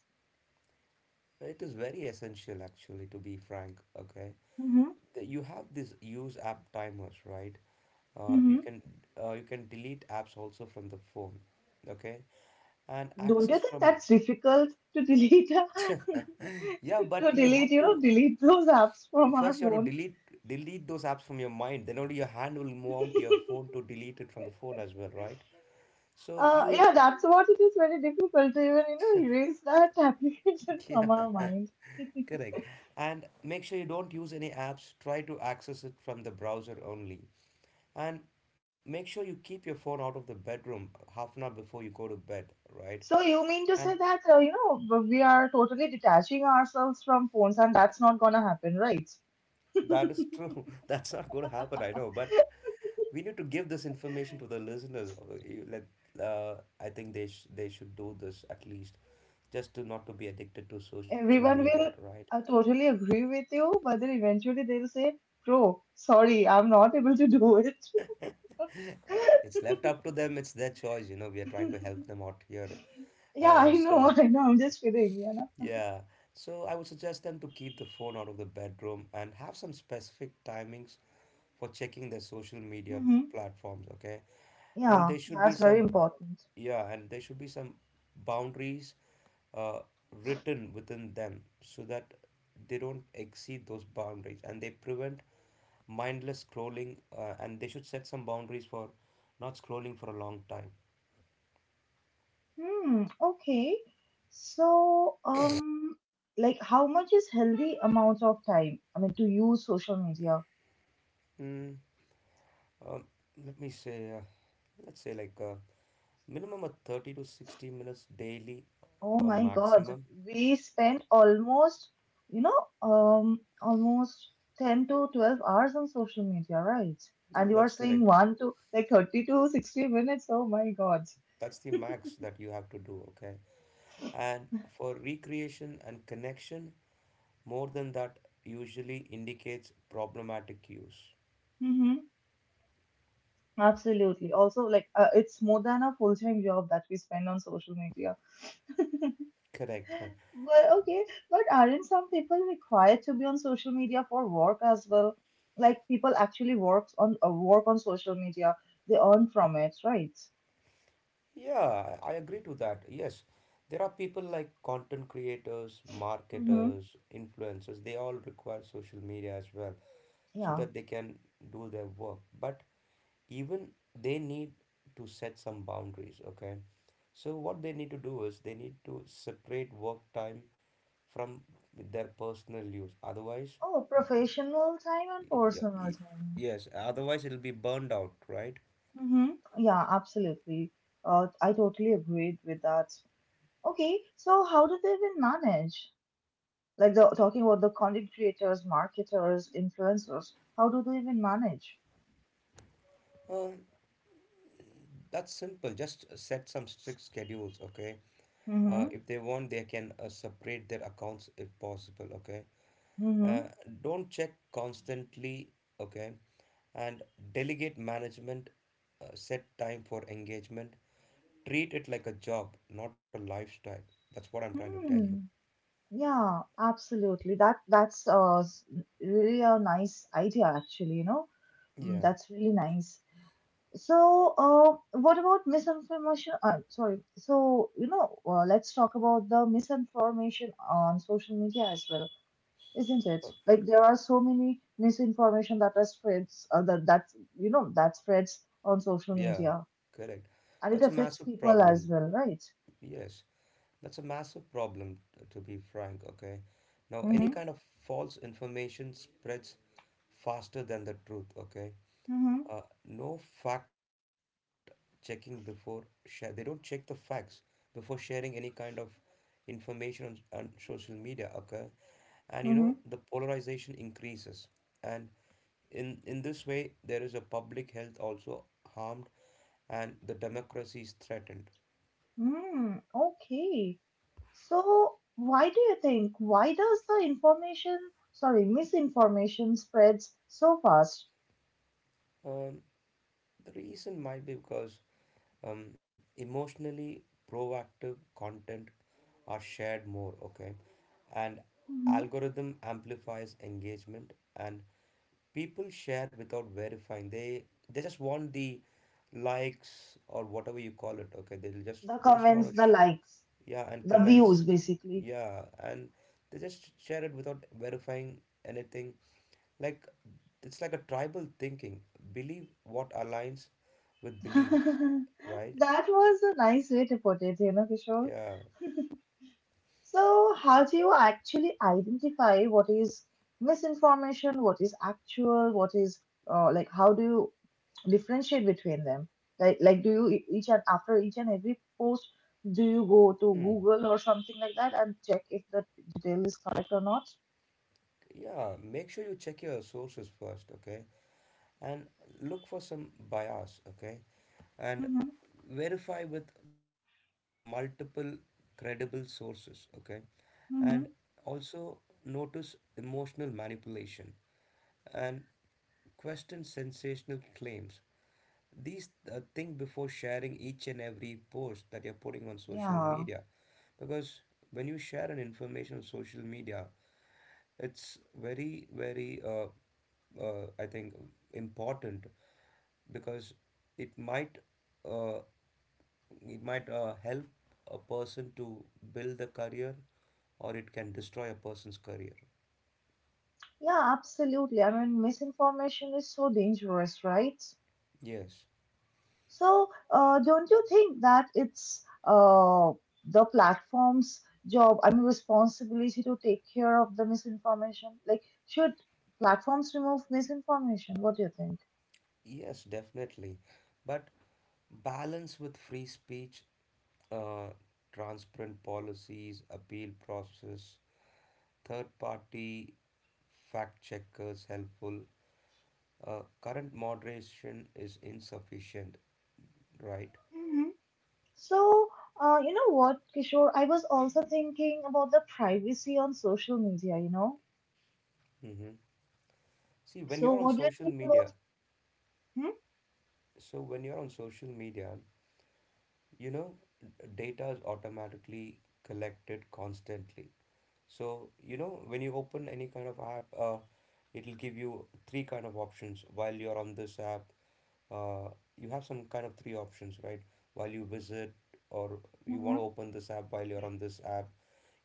[SPEAKER 2] It is very essential, actually, to be frank. Okay,
[SPEAKER 1] Mm-hmm.
[SPEAKER 2] You have this use app timers, right? You
[SPEAKER 1] Mm-hmm.
[SPEAKER 2] can delete apps also from the phone. Okay, and
[SPEAKER 1] Don't
[SPEAKER 2] access
[SPEAKER 1] you think
[SPEAKER 2] from.
[SPEAKER 1] that's difficult to delete,
[SPEAKER 2] Yeah, but you have
[SPEAKER 1] you know,
[SPEAKER 2] to
[SPEAKER 1] delete those apps from our
[SPEAKER 2] first, you have
[SPEAKER 1] phone?
[SPEAKER 2] to delete those apps from your mind. Then only your hand will move on to your phone to delete it from the phone as well, right? So you
[SPEAKER 1] Yeah, that's what it is very difficult to even, you know, erase that application from
[SPEAKER 2] Yeah,
[SPEAKER 1] our mind.
[SPEAKER 2] correct. And make sure you don't use any apps. Try to access it from the browser only. And make sure you keep your phone out of the bedroom half an hour before you go to bed, right?
[SPEAKER 1] So you mean to
[SPEAKER 2] And
[SPEAKER 1] say that, you know, we are totally detaching ourselves from phones and that's not gonna happen, right?
[SPEAKER 2] that is true. That's not going to happen, I know. But we need to give this information to the listeners. Like, uh, I think they should do this at least, just to not to be addicted to social
[SPEAKER 1] Everyone
[SPEAKER 2] media,
[SPEAKER 1] will
[SPEAKER 2] right?
[SPEAKER 1] totally agree with you, but then eventually they'll say, bro, sorry, I'm not able to do it.
[SPEAKER 2] It's left up to them. It's their choice. We are trying to help them out here.
[SPEAKER 1] Yeah, I
[SPEAKER 2] So
[SPEAKER 1] know, I know. I'm just kidding, you know.
[SPEAKER 2] yeah, so I would suggest them to keep the phone out of the bedroom and have some specific timings for checking their social media
[SPEAKER 1] Hmm.
[SPEAKER 2] platforms. Okay, and
[SPEAKER 1] Yeah,
[SPEAKER 2] there should be
[SPEAKER 1] that's very
[SPEAKER 2] some,
[SPEAKER 1] important.
[SPEAKER 2] yeah, and there should be some boundaries uh, written within them so that they don't exceed those boundaries, and they prevent mindless scrolling, and they should set some boundaries for not scrolling for a long time.
[SPEAKER 1] Hmm. Okay. So, like, how much is healthy amount of time? I mean, to use social media?
[SPEAKER 2] Mm, uh, Let me say, let's say like minimum of 30 to 60 minutes daily,
[SPEAKER 1] Oh my God,
[SPEAKER 2] maximum.
[SPEAKER 1] we spent almost, almost 10 to 12 hours on social media, right? And
[SPEAKER 2] Yeah,
[SPEAKER 1] you are
[SPEAKER 2] that's
[SPEAKER 1] saying
[SPEAKER 2] correct.
[SPEAKER 1] one to like 30 to 60 minutes. Oh my God.
[SPEAKER 2] That's the max that you have to do, okay? And for recreation and connection, more than that usually indicates problematic use.
[SPEAKER 1] Hmm. Absolutely. Also, like it's more than a full-time job that we spend on social media.
[SPEAKER 2] Correct.
[SPEAKER 1] But okay, but aren't some people required to be on social media for work as well? Like people actually works on work on social media. They earn from it, right?
[SPEAKER 2] Yeah, I agree to that. Yes, there are people like content creators,
[SPEAKER 1] Mm-hmm.
[SPEAKER 2] marketers, influencers, they all require social media as well so
[SPEAKER 1] Yeah.
[SPEAKER 2] that they can do their work. But even they need to set some boundaries, okay? So, what they need to do is they need to separate work time from their personal use. Otherwise,
[SPEAKER 1] Oh, professional time and
[SPEAKER 2] yeah,
[SPEAKER 1] personal
[SPEAKER 2] y-
[SPEAKER 1] time.
[SPEAKER 2] yes, otherwise it'll be burned out, right?
[SPEAKER 1] Mm-hmm. Yeah, absolutely. I totally agreed with that. Okay, so how do they even manage? Like the talking about the content creators, marketers, influencers, how do they even manage?
[SPEAKER 2] Uh, that's simple. Just set some strict schedules, okay?
[SPEAKER 1] Mm-hmm.
[SPEAKER 2] If they want they can separate their accounts if possible, okay. uh,
[SPEAKER 1] Mm-hmm.
[SPEAKER 2] don't check constantly, okay, and delegate management. Set time for engagement. Treat it like a job, not a lifestyle. That's what I'm trying to tell you.
[SPEAKER 1] Hmm. Yeah, absolutely. That's really a nice idea, actually, you know. Mm,
[SPEAKER 2] Yeah.
[SPEAKER 1] that's really nice. So, what about misinformation? Sorry. So, you know, let's talk about the misinformation on social media as well, isn't it?
[SPEAKER 2] Uh,
[SPEAKER 1] Like there are so many misinformation that are spreads that that you know that spreads on social
[SPEAKER 2] Yeah,
[SPEAKER 1] media,
[SPEAKER 2] correct.
[SPEAKER 1] and it
[SPEAKER 2] That's a
[SPEAKER 1] affects
[SPEAKER 2] massive
[SPEAKER 1] people as
[SPEAKER 2] problem.
[SPEAKER 1] well, right?
[SPEAKER 2] Yes, that's a massive problem, to be frank, okay? Now,
[SPEAKER 1] Mm-hmm.
[SPEAKER 2] any kind of false information spreads faster than the truth, okay?
[SPEAKER 1] Mm-hmm.
[SPEAKER 2] No fact checking before share. They don't check the facts before sharing any kind of information on social media, okay? And you know, the
[SPEAKER 1] Mm-hmm.
[SPEAKER 2] polarization increases. And in this way, there is a public health also harmed and the democracy is threatened.
[SPEAKER 1] Mm, okay. So, why do you think? Why does the information, sorry, misinformation spreads so fast?
[SPEAKER 2] Um, the reason might be because um, emotionally proactive content are shared more, okay? And
[SPEAKER 1] Mm-hmm.
[SPEAKER 2] algorithm amplifies engagement and people share without verifying. They just want the likes or whatever you call it, okay? They'll just
[SPEAKER 1] the
[SPEAKER 2] they just
[SPEAKER 1] comments,
[SPEAKER 2] want to.
[SPEAKER 1] the likes,
[SPEAKER 2] Yeah, and
[SPEAKER 1] the
[SPEAKER 2] comments.
[SPEAKER 1] views, basically.
[SPEAKER 2] Yeah, and they just share it without verifying anything, like it's like a tribal thinking. Believe what aligns with beliefs. Right.
[SPEAKER 1] That was a nice way to put it, you know, Kishore.
[SPEAKER 2] Yeah.
[SPEAKER 1] So, how do you actually identify what is misinformation, what is actual, what is how do you differentiate between them? Like, do you each and after each and every post, do you go to
[SPEAKER 2] Hmm.
[SPEAKER 1] Google or something like that and check if the detail is correct or not?
[SPEAKER 2] Yeah, make sure you check your sources first, okay, and look for some bias, okay, and
[SPEAKER 1] Mm-hmm.
[SPEAKER 2] verify with multiple credible sources, okay, and
[SPEAKER 1] Mm-hmm.
[SPEAKER 2] also notice emotional manipulation and question sensational claims. These Think before sharing each and every post that you're putting on social
[SPEAKER 1] Yeah.
[SPEAKER 2] media, because when you share an information on social media, it's very, very, I think, important, because it might uh, it might help a person to build the career, or it can destroy a person's career.
[SPEAKER 1] Yeah, absolutely. I mean, misinformation is so dangerous, right?
[SPEAKER 2] Yes,
[SPEAKER 1] So, don't you think that it's the platform's job, I mean, responsibility to take care of the misinformation? Like, should platforms remove misinformation? What do you think?
[SPEAKER 2] yes, definitely. But balance with free speech, uh, transparent policies, appeal process, third party fact checkers helpful. Current moderation is insufficient, right?
[SPEAKER 1] Hmm So, you know what, Kishore? I was also thinking about the privacy on social media, you know?
[SPEAKER 2] Mm-hmm. See, when you're
[SPEAKER 1] So,
[SPEAKER 2] on
[SPEAKER 1] what do you
[SPEAKER 2] social
[SPEAKER 1] think
[SPEAKER 2] media,
[SPEAKER 1] about? Hmm
[SPEAKER 2] so when you're on social media, you know, data is automatically collected constantly. So you know, when you open any kind of app, it'll give you three kind of options while you're on this app. uh, you have some kind of three options, right, while you visit or you want to
[SPEAKER 1] hmm
[SPEAKER 2] open this app while you're on this app.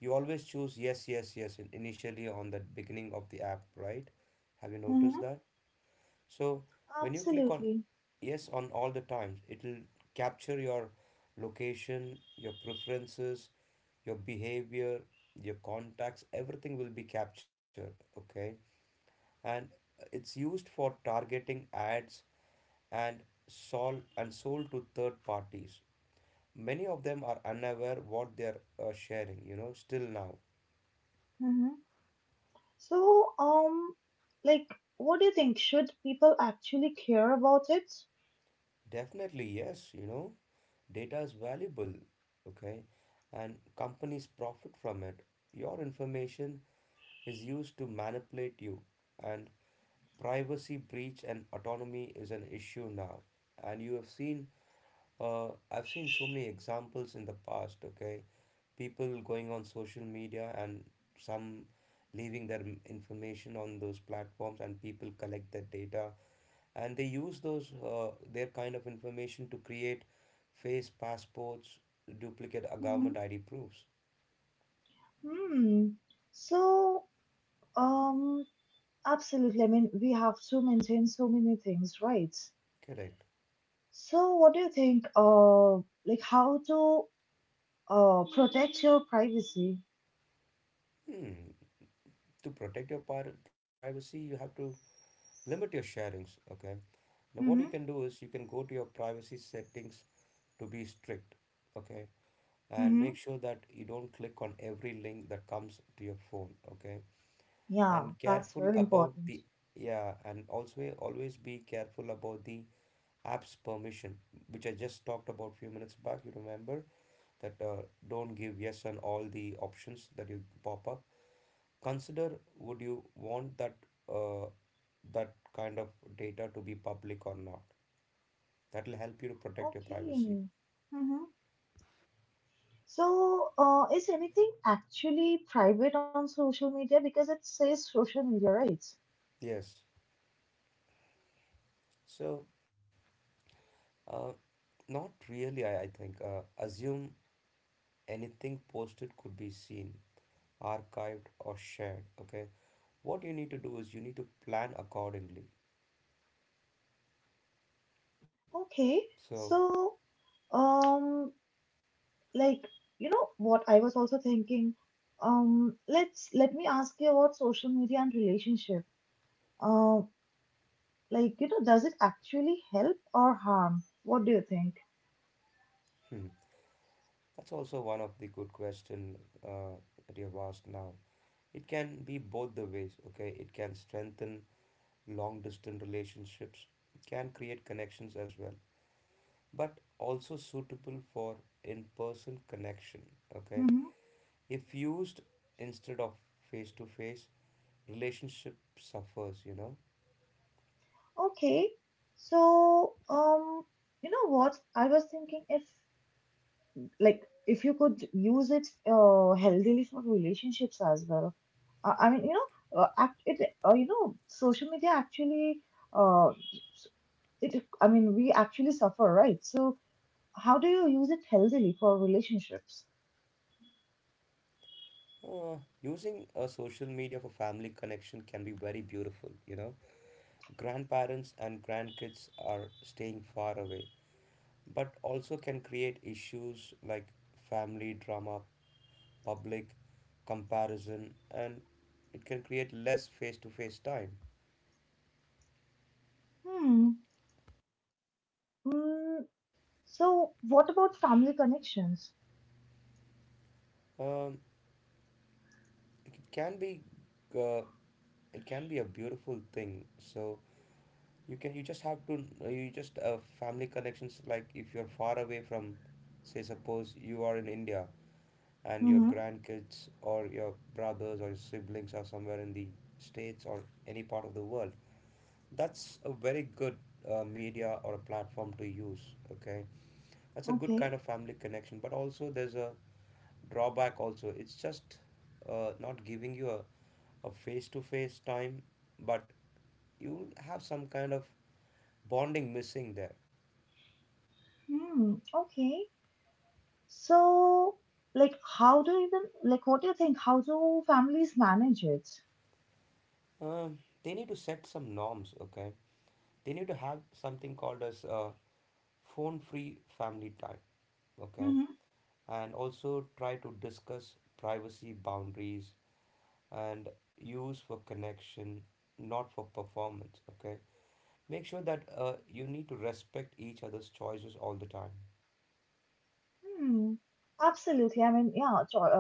[SPEAKER 2] You always choose yes, yes, yes, initially on the beginning of the app, right? Have you noticed
[SPEAKER 1] hmm
[SPEAKER 2] that? So when you click on
[SPEAKER 1] Absolutely.
[SPEAKER 2] yes on all the times, it'll capture your location, your preferences, your behavior, your contacts, everything will be captured. Okay. And it's used for targeting ads and sold to third parties. Many of them are unaware what they're sharing, you know, still now.
[SPEAKER 1] Mm-hmm. So, like, what do you think? Should people actually care about it?
[SPEAKER 2] Definitely, yes, you know, data is valuable, okay, and companies profit from it. Your information is used to manipulate you, and privacy breach and autonomy is an issue now. And you have seen, I've seen so many examples in the past, okay, people going on social media and some leaving their information on those platforms, and people collect that data and they use those their kind of information to create fake passports, duplicate
[SPEAKER 1] Hmm
[SPEAKER 2] government ID proofs.
[SPEAKER 1] Hmm. So, um, absolutely. I mean, we have to maintain so many things, right?
[SPEAKER 2] Correct.
[SPEAKER 1] So, what do you think? Like, how to protect your privacy?
[SPEAKER 2] Hmm. To protect your privacy, you have to limit your sharings. Okay. Now, what you
[SPEAKER 1] Mm-hmm.
[SPEAKER 2] can do is you can go to your privacy settings to be strict. Okay. And
[SPEAKER 1] Mm-hmm.
[SPEAKER 2] make sure that you don't click on every link that comes to your phone. Okay.
[SPEAKER 1] Yeah,
[SPEAKER 2] And
[SPEAKER 1] that's
[SPEAKER 2] careful
[SPEAKER 1] very
[SPEAKER 2] about
[SPEAKER 1] important.
[SPEAKER 2] the yeah, and also always be careful about the apps permission, which I just talked about a few minutes back. You remember that, don't give yes on all the options that you pop up. Consider, would you want that uh, that kind of data to be public or not. That will help you to protect your privacy.
[SPEAKER 1] Okay. Mm-hmm. So, is anything actually private on social media? Because it says social media, right?
[SPEAKER 2] Yes. So, uh, not really. I think, assume anything posted could be seen, archived, or shared. Okay. What you need to do is you need to plan accordingly.
[SPEAKER 1] Okay,
[SPEAKER 2] So,
[SPEAKER 1] so um, like you know what I was also thinking. Let me ask you about social media and relationship. Uh, like you know, does it actually help or harm? What do you think?
[SPEAKER 2] hmm. That's also one of the good question uh, that you have asked now. It can be both the ways, okay? It can strengthen long distance relationships, can create connections as well, but also suitable for in-person connection, okay?
[SPEAKER 1] Mm-hmm.
[SPEAKER 2] If used instead of face-to-face, relationship suffers, you know?
[SPEAKER 1] Okay, so you know what I was thinking if if you could use it healthily for relationships as well. I mean, you know, act it you know, social media actually uh it, I mean, we actually suffer, right? So, how do you use it healthily for relationships?
[SPEAKER 2] Uh, Using a social media for family connection can be very beautiful, you know. Grandparents and grandkids are staying far away, but also can create issues like family drama, public comparison, and it can create less face-to-face time.
[SPEAKER 1] Hmm. Mm, so, what about family connections?
[SPEAKER 2] Um, it can be, uh, it can be a beautiful thing. So you can you just have to you just family connections, like if you're far away from, say suppose you are in India and your
[SPEAKER 1] Mm-hmm.
[SPEAKER 2] grandkids or your brothers or your siblings are somewhere in the states or any part of the world. That's a very good media or a platform to use. Okay, that's a good
[SPEAKER 1] Okay.
[SPEAKER 2] kind of family connection. But also, there's a drawback. Also, it's just not giving you a face to face time, but you'll have some kind of bonding missing there.
[SPEAKER 1] Hmm. Okay. So, like, how do even, like, what do you think? How do families manage it?
[SPEAKER 2] They need to set some norms. Okay, they need to have something called as phone free family time. Okay, and also try to discuss privacy boundaries and use for connection, not for performance. Okay, make sure that, you need to respect each other's choices all the time.
[SPEAKER 1] Hmm. Absolutely. I mean, yeah, cho-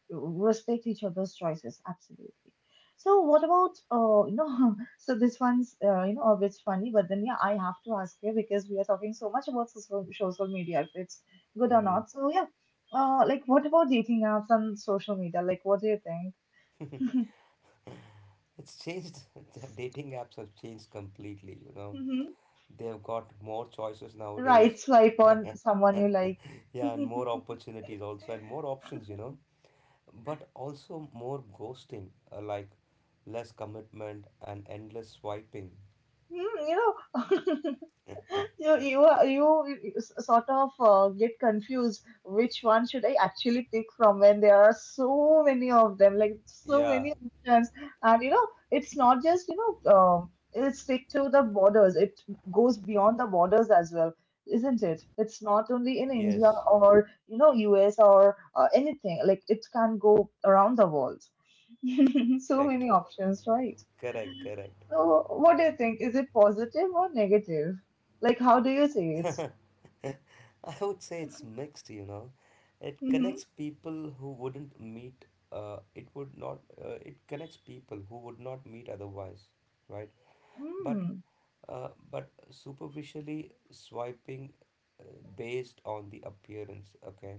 [SPEAKER 1] uh, respect each other's choices. Absolutely. So, what about, so this one's, a bit funny, but then, yeah, I have to ask you because we are talking so much about social media, if it's good or
[SPEAKER 2] Hmm.
[SPEAKER 1] not. So, yeah, like, what about dating apps and social media? Like, what do you think?
[SPEAKER 2] It's changed. The dating apps have changed completely. You know,
[SPEAKER 1] Mm-hmm.
[SPEAKER 2] they've got more choices nowadays.
[SPEAKER 1] Right, swipe on
[SPEAKER 2] Yeah,
[SPEAKER 1] someone you like.
[SPEAKER 2] yeah, and more opportunities also, and more options. You know, but also more ghosting, like less commitment and endless swiping.
[SPEAKER 1] Hmm, you know. You sort of get confused which one should I actually pick from when there are so many of them, like so
[SPEAKER 2] Yeah.
[SPEAKER 1] many options, and you know it's not just it stick to the borders; it goes beyond the borders as well, isn't it? It's not
[SPEAKER 2] Yes.
[SPEAKER 1] only in India or you know US or anything; like it can go around the world. So
[SPEAKER 2] Correct.
[SPEAKER 1] many options, right?
[SPEAKER 2] Correct. Correct.
[SPEAKER 1] So what do you think? Is it positive or negative? Like how do you see it?
[SPEAKER 2] I would say it's mixed, you know. It
[SPEAKER 1] Mhm,
[SPEAKER 2] connects people who wouldn't meet, it connects people who would not meet otherwise, right? But
[SPEAKER 1] mm,
[SPEAKER 2] but superficially swiping uh, based on the appearance, okay,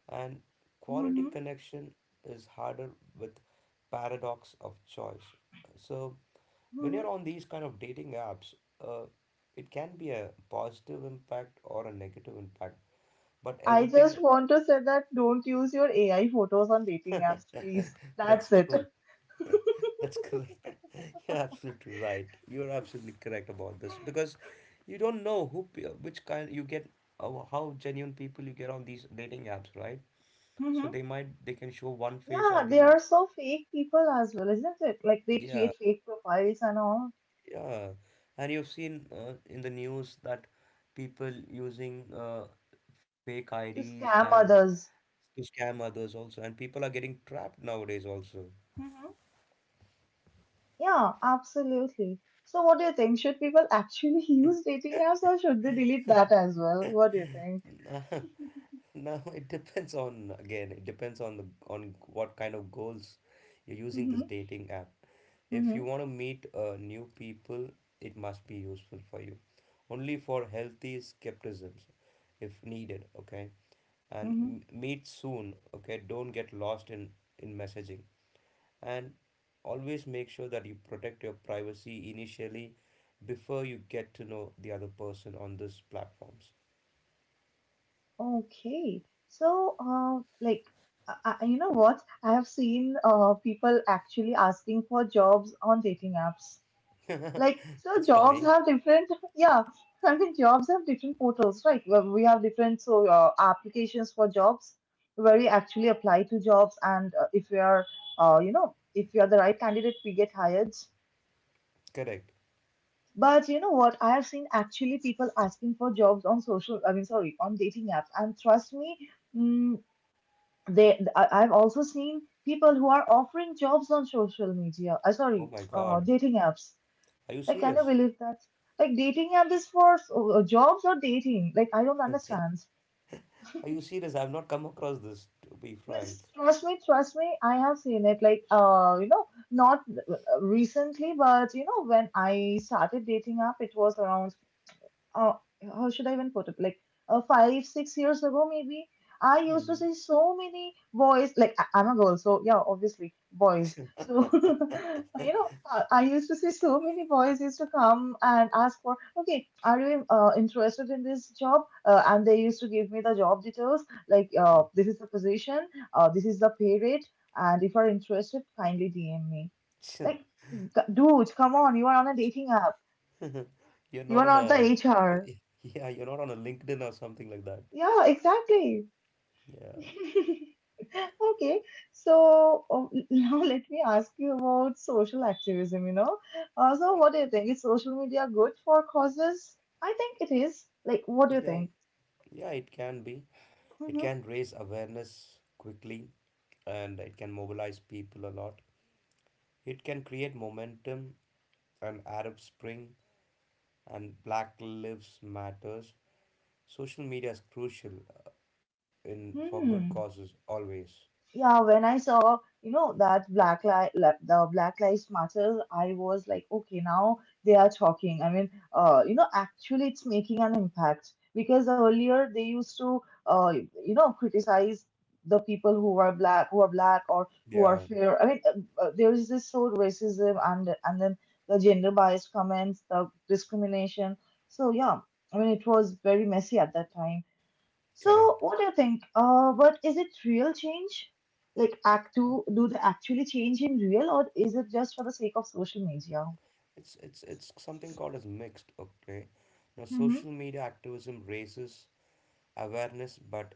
[SPEAKER 2] and quality
[SPEAKER 1] mhm,
[SPEAKER 2] connection is harder with paradox of choice. So when you're
[SPEAKER 1] mhm.
[SPEAKER 2] on these kind of dating apps, uh, it can be a positive impact or a negative impact, but
[SPEAKER 1] I
[SPEAKER 2] everything.
[SPEAKER 1] just want to say that don't use your AI photos on dating apps, please.
[SPEAKER 2] That's
[SPEAKER 1] That's it.
[SPEAKER 2] true. That's correct. You're absolutely right. You're absolutely correct about this, because you don't know who, which kind you get, how genuine people you get on these dating apps, right? So
[SPEAKER 1] Hmm
[SPEAKER 2] they might they can show one face on
[SPEAKER 1] Yeah, they
[SPEAKER 2] the.
[SPEAKER 1] are so fake people as well, isn't it? Like they
[SPEAKER 2] Yeah.
[SPEAKER 1] create fake profiles and all
[SPEAKER 2] Yeah, and you've seen in the news that people using fake
[SPEAKER 1] to
[SPEAKER 2] IDs
[SPEAKER 1] scam
[SPEAKER 2] and
[SPEAKER 1] others.
[SPEAKER 2] to scam others also, and people are getting trapped nowadays also.
[SPEAKER 1] Hmm Yeah, absolutely. So, what do you think? Should people actually use dating apps or should they delete that as well?
[SPEAKER 2] Uh,
[SPEAKER 1] What do you think?
[SPEAKER 2] Now it depends on, again, it depends on the on what kind of goals you're using
[SPEAKER 1] Mm-hmm.
[SPEAKER 2] this dating app. If you want to meet new people, it must be useful for you. Only for healthy skepticisms if needed, okay? And
[SPEAKER 1] Mm-hmm.
[SPEAKER 2] meet soon, okay? Don't get lost in messaging. And always make sure that you protect your privacy initially before you get to know the other person on these platforms.
[SPEAKER 1] Okay, so you know what? I have seen people actually asking for jobs on dating apps. Like, so
[SPEAKER 2] That's
[SPEAKER 1] jobs
[SPEAKER 2] funny.
[SPEAKER 1] have different, yeah, I mean, jobs have different portals, right? Well, we have different so applications for jobs where we actually apply to jobs, and if we are, you know, if we are the right candidate, we get hired.
[SPEAKER 2] Correct.
[SPEAKER 1] But you know what? I have seen actually people asking for jobs on social, I mean, sorry, on dating apps, and trust me. Mm, I've also seen people who are offering jobs on social media I
[SPEAKER 2] Oh
[SPEAKER 1] sorry
[SPEAKER 2] my God.
[SPEAKER 1] dating apps
[SPEAKER 2] Are you
[SPEAKER 1] like can you
[SPEAKER 2] serious?
[SPEAKER 1] believe that like dating app is for jobs or dating like I don't understand
[SPEAKER 2] Are you serious? I've not come across this, to be frank.
[SPEAKER 1] Yes, trust me I have seen it like not recently but you know when I started dating app it was around uh, how should I even put it? Like 5, 6 years ago, maybe I used to
[SPEAKER 2] Mhm.
[SPEAKER 1] see so many boys. Like I'm a girl, so yeah, obviously boys. So you know, I used to see so many boys used to come and ask for, okay, are you interested in this job? And they used to give me the job details, like this is the position, this is the pay rate, and if you're interested, kindly DM me.
[SPEAKER 2] Mm.
[SPEAKER 1] Like, dude, come on, you are on a dating app.
[SPEAKER 2] You're
[SPEAKER 1] You are
[SPEAKER 2] not on
[SPEAKER 1] not the
[SPEAKER 2] a,
[SPEAKER 1] HR.
[SPEAKER 2] yeah, you're not on a LinkedIn or something like that.
[SPEAKER 1] Yeah, exactly.
[SPEAKER 2] Yeah.
[SPEAKER 1] Okay, so now let me ask you about social activism, you know. So what do you think? Is social media good for causes? I think it is. Like, what do you
[SPEAKER 2] Yeah.
[SPEAKER 1] think?
[SPEAKER 2] Yeah, it can be. It
[SPEAKER 1] Mm-hmm.
[SPEAKER 2] can raise awareness quickly and it can mobilize people a lot. It can create momentum and Arab Spring and Black Lives Matters. Social media is crucial in for good
[SPEAKER 1] Hmm.
[SPEAKER 2] causes always.
[SPEAKER 1] Yeah, when I saw, you know, that Black Li li- the Black Lives Matter, I was like, okay, now they are talking. I mean, actually it's making an impact because earlier they used to, criticize the people who are black or who are
[SPEAKER 2] Yeah,
[SPEAKER 1] fair. I mean, there is this sort of racism and then the gender biased comments, the discrimination. So yeah, I mean, it was very messy at that time.
[SPEAKER 2] correct.
[SPEAKER 1] So, what do you think? But is it real change? Like, act do they actually change in real, or is it just for the sake of social media?
[SPEAKER 2] It's something called as mixed, okay? Now social
[SPEAKER 1] Mm-hmm,
[SPEAKER 2] media activism raises awareness but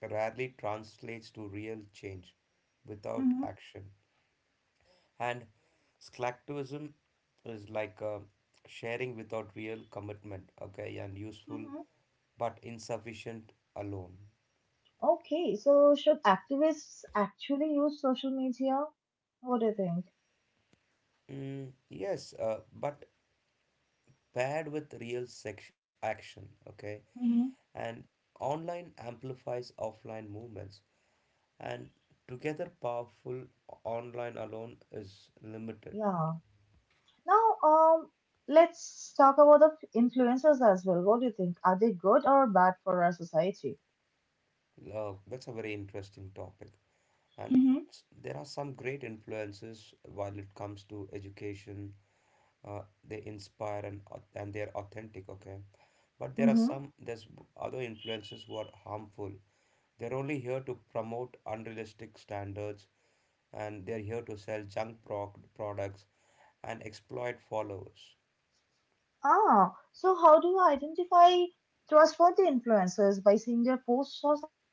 [SPEAKER 2] rarely translates to real change without
[SPEAKER 1] mm-hmm,
[SPEAKER 2] action. And slacktivism is like sharing without real commitment, okay, and useful
[SPEAKER 1] mm-hmm.
[SPEAKER 2] but insufficient alone.
[SPEAKER 1] Okay, so should activists actually use social media? What do you think?
[SPEAKER 2] Mm, yes, but paired with real sex action, okay?
[SPEAKER 1] Mm-hmm.
[SPEAKER 2] And online amplifies offline movements, and together powerful, online alone is limited.
[SPEAKER 1] Yeah. Now, let's talk about the influencers as well. What do you think? Are they good or bad for our society?
[SPEAKER 2] That's a very interesting topic. And there are some great influences while it comes to education. uh, they inspire and and they are authentic, okay. But there are
[SPEAKER 1] Mm-hmm.
[SPEAKER 2] some, there's other influences who are harmful. They're only here to promote unrealistic standards, and they're here to sell products and exploit followers.
[SPEAKER 1] Ah, so how do you identify trustworthy influencers by seeing their posts or something?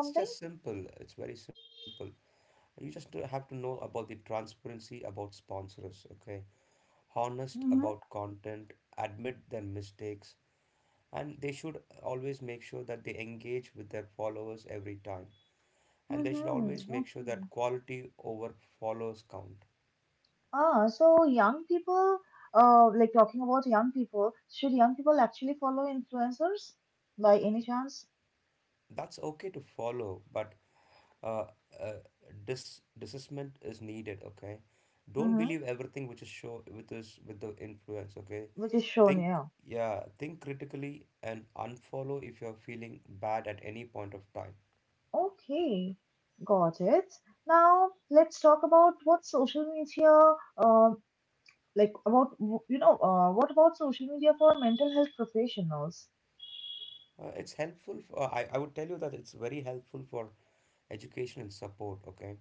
[SPEAKER 2] It's just simple, it's very simple. You just have to know about the transparency about sponsors, okay.
[SPEAKER 1] Mm-hmm.
[SPEAKER 2] Honest about content, admit their mistakes. And they should always make sure that they engage with their followers every time. And they should
[SPEAKER 1] Mm-hmm.
[SPEAKER 2] always make sure
[SPEAKER 1] Okay.
[SPEAKER 2] that quality over follows count.
[SPEAKER 1] Ah, so young people, talking about young people, should young people actually follow influencers by any chance?
[SPEAKER 2] That's okay to follow but uh, uh, discernment is needed, okay. Don't
[SPEAKER 1] Mm-hmm.
[SPEAKER 2] believe everything which is show with this with the influence, okay.
[SPEAKER 1] Which is shown
[SPEAKER 2] Think,
[SPEAKER 1] here.
[SPEAKER 2] yeah, think critically and unfollow if you're feeling bad at any point of time.
[SPEAKER 1] Okay, got it. Now let's talk about what social media, like about w- you know, what about social media for mental health professionals?
[SPEAKER 2] It's helpful for, I would tell you that it's very helpful for education and support, okay?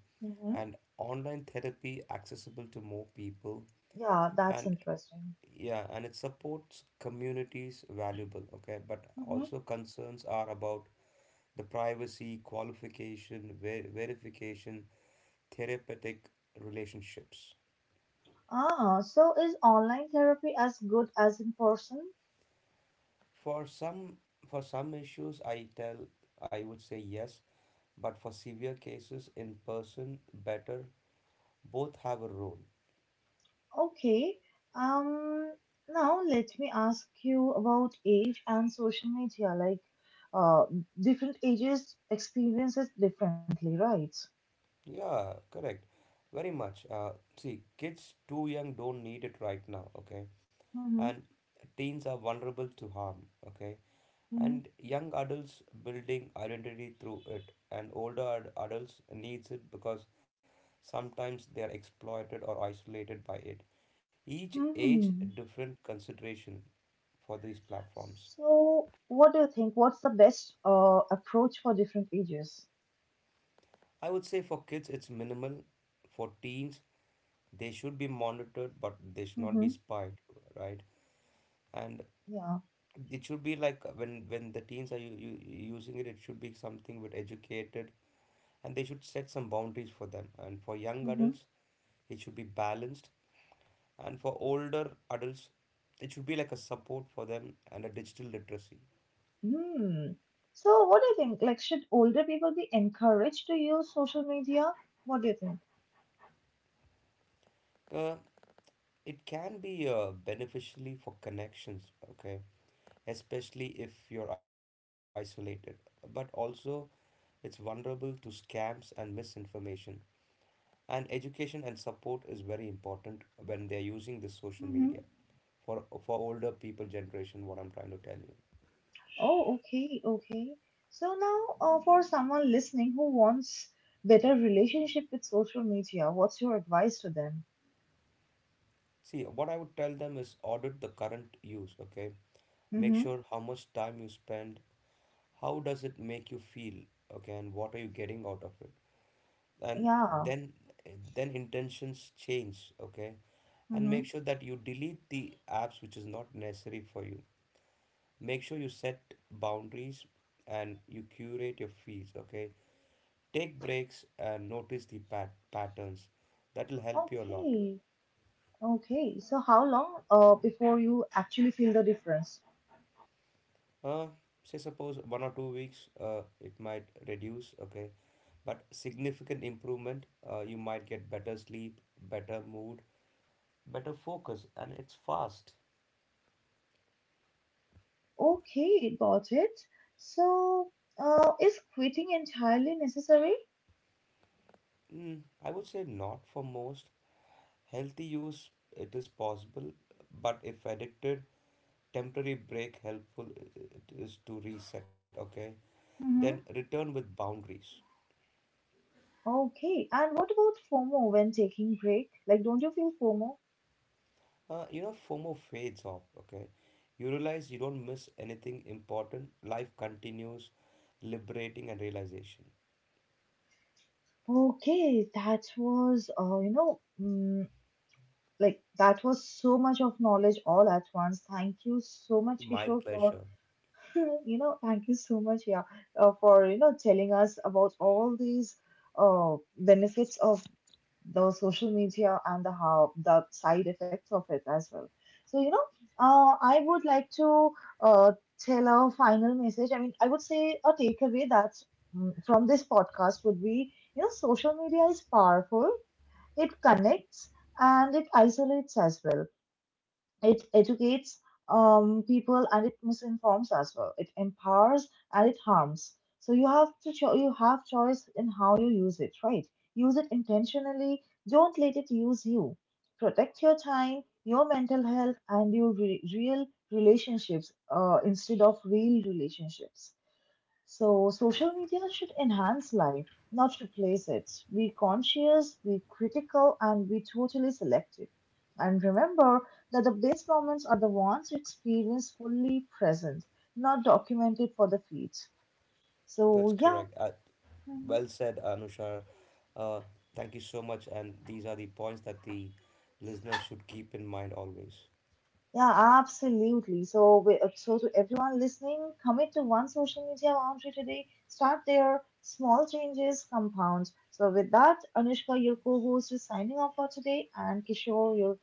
[SPEAKER 2] And online therapy accessible to more people.
[SPEAKER 1] Yeah, that's
[SPEAKER 2] And
[SPEAKER 1] interesting.
[SPEAKER 2] yeah, and it supports communities valuable, okay? But
[SPEAKER 1] Hmm
[SPEAKER 2] also concerns are about the privacy, qualification, verification, therapeutic relationships.
[SPEAKER 1] Ah, so is online therapy as good as in person?
[SPEAKER 2] For some, for some issues I tell I would say yes, but for severe cases in person better. Both have a role.
[SPEAKER 1] Okay. Um, Now let me ask you about age and social media. Like, uh, different ages experience it differently, right?
[SPEAKER 2] Yeah, correct. Very much. See, kids too young don't need it right now, okay?
[SPEAKER 1] hmm
[SPEAKER 2] And teens are vulnerable to harm, okay?
[SPEAKER 1] hmm
[SPEAKER 2] And young adults building identity through it, and adults needs it because sometimes they are exploited or isolated by it. Each age
[SPEAKER 1] Hmm.
[SPEAKER 2] different consideration for these platforms.
[SPEAKER 1] So, what do you think? What's the best approach for different ages?
[SPEAKER 2] I would say for kids it's minimal, for teens they should be monitored but they should not be
[SPEAKER 1] Hmm
[SPEAKER 2] spied, right? And
[SPEAKER 1] Yeah.
[SPEAKER 2] it should be like, when the teens are using it, it should be something with educated, and they should set some boundaries for them. And for young
[SPEAKER 1] mm-hmm.
[SPEAKER 2] adults it should be balanced, and for older adults it should be like a support for them and a digital literacy.
[SPEAKER 1] Hmm. So, what do you think? Like, should older people be encouraged to use social media? What do you think?
[SPEAKER 2] uh, it can be beneficially for connections, okay, especially if you're isolated, but also it's vulnerable to scams and misinformation. And education and support is very important when they're using this social
[SPEAKER 1] Mm-hmm.
[SPEAKER 2] media for older people generation, what I'm trying to tell you.
[SPEAKER 1] Oh, okay, okay. So now, for someone listening who wants better relationship with social media, what's your advice to them?
[SPEAKER 2] See, what I would tell them is audit the current use, okay? Make
[SPEAKER 1] Mm-hmm.
[SPEAKER 2] sure how much time you spend, how does it make you feel, okay, and what are you getting out of it? And
[SPEAKER 1] Yeah.
[SPEAKER 2] then, intentions change, okay? And
[SPEAKER 1] Mm-hmm.
[SPEAKER 2] make sure that you delete the apps which is not necessary for you. Make sure you set boundaries and you curate your feeds, okay. Take breaks and notice the patterns. That will help you a lot.
[SPEAKER 1] Okay. Okay. So, how long before you actually feel the difference?
[SPEAKER 2] Uh, Say suppose 1 or 2 weeks, it might reduce. Okay, but significant improvement. You might get better sleep, better mood, better focus, and it's fast.
[SPEAKER 1] Okay, got it. So, is quitting entirely necessary?
[SPEAKER 2] Mm, I would say not for most. Healthy use it is possible, but if addicted, temporary break helpful it is to reset. Okay, then
[SPEAKER 1] Mhm.
[SPEAKER 2] return with boundaries.
[SPEAKER 1] Okay, and what about FOMO when taking break? Like, don't you feel FOMO?
[SPEAKER 2] You know, FOMO fades off, okay? You realize you don't miss anything important. Life continues, liberating and realization.
[SPEAKER 1] Okay, that was, that was so much of knowledge all at once. Thank you so much,
[SPEAKER 2] My
[SPEAKER 1] Kishore, for,
[SPEAKER 2] pleasure.
[SPEAKER 1] you know, thank you so much, yeah, for, you know, telling us about all these benefits of the social media and the how the side effects of it as well. So you know, I would like to uh, tell a final message. I mean, I would say a takeaway that from this podcast would be you know, social media is powerful. It connects and it isolates as well. It educates people and it misinforms as well. It empowers and it harms. So you have to you have choice in how you use it, right? Use it intentionally. Don't let it use you. Protect your time, your mental health, and your real relationships instead of real relationships. So, social media should enhance life, not replace it. Be conscious, be critical, and be totally selective. And remember that the best moments are the ones you experience fully present, not documented for the feed.
[SPEAKER 2] That's
[SPEAKER 1] So, yeah.
[SPEAKER 2] correct.
[SPEAKER 1] mhm.
[SPEAKER 2] Well said, Anusha. Uh, Thank you so much. And these are the points that the listeners should keep in mind always.
[SPEAKER 1] Yeah, absolutely. So, we, to everyone listening, commit to one social media boundary today. Start there. Small changes compound. So, with that, Anushka, your co-host, is signing off for today, and Kishore, your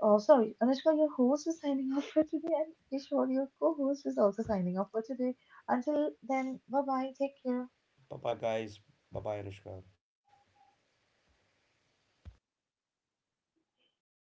[SPEAKER 1] Oh, sorry, Anushka, your host is signing off for today, and Kishore, your co-host, is also signing off for today. Until then, bye bye, take care.
[SPEAKER 2] Bye bye, guys. Bye bye, Anushka.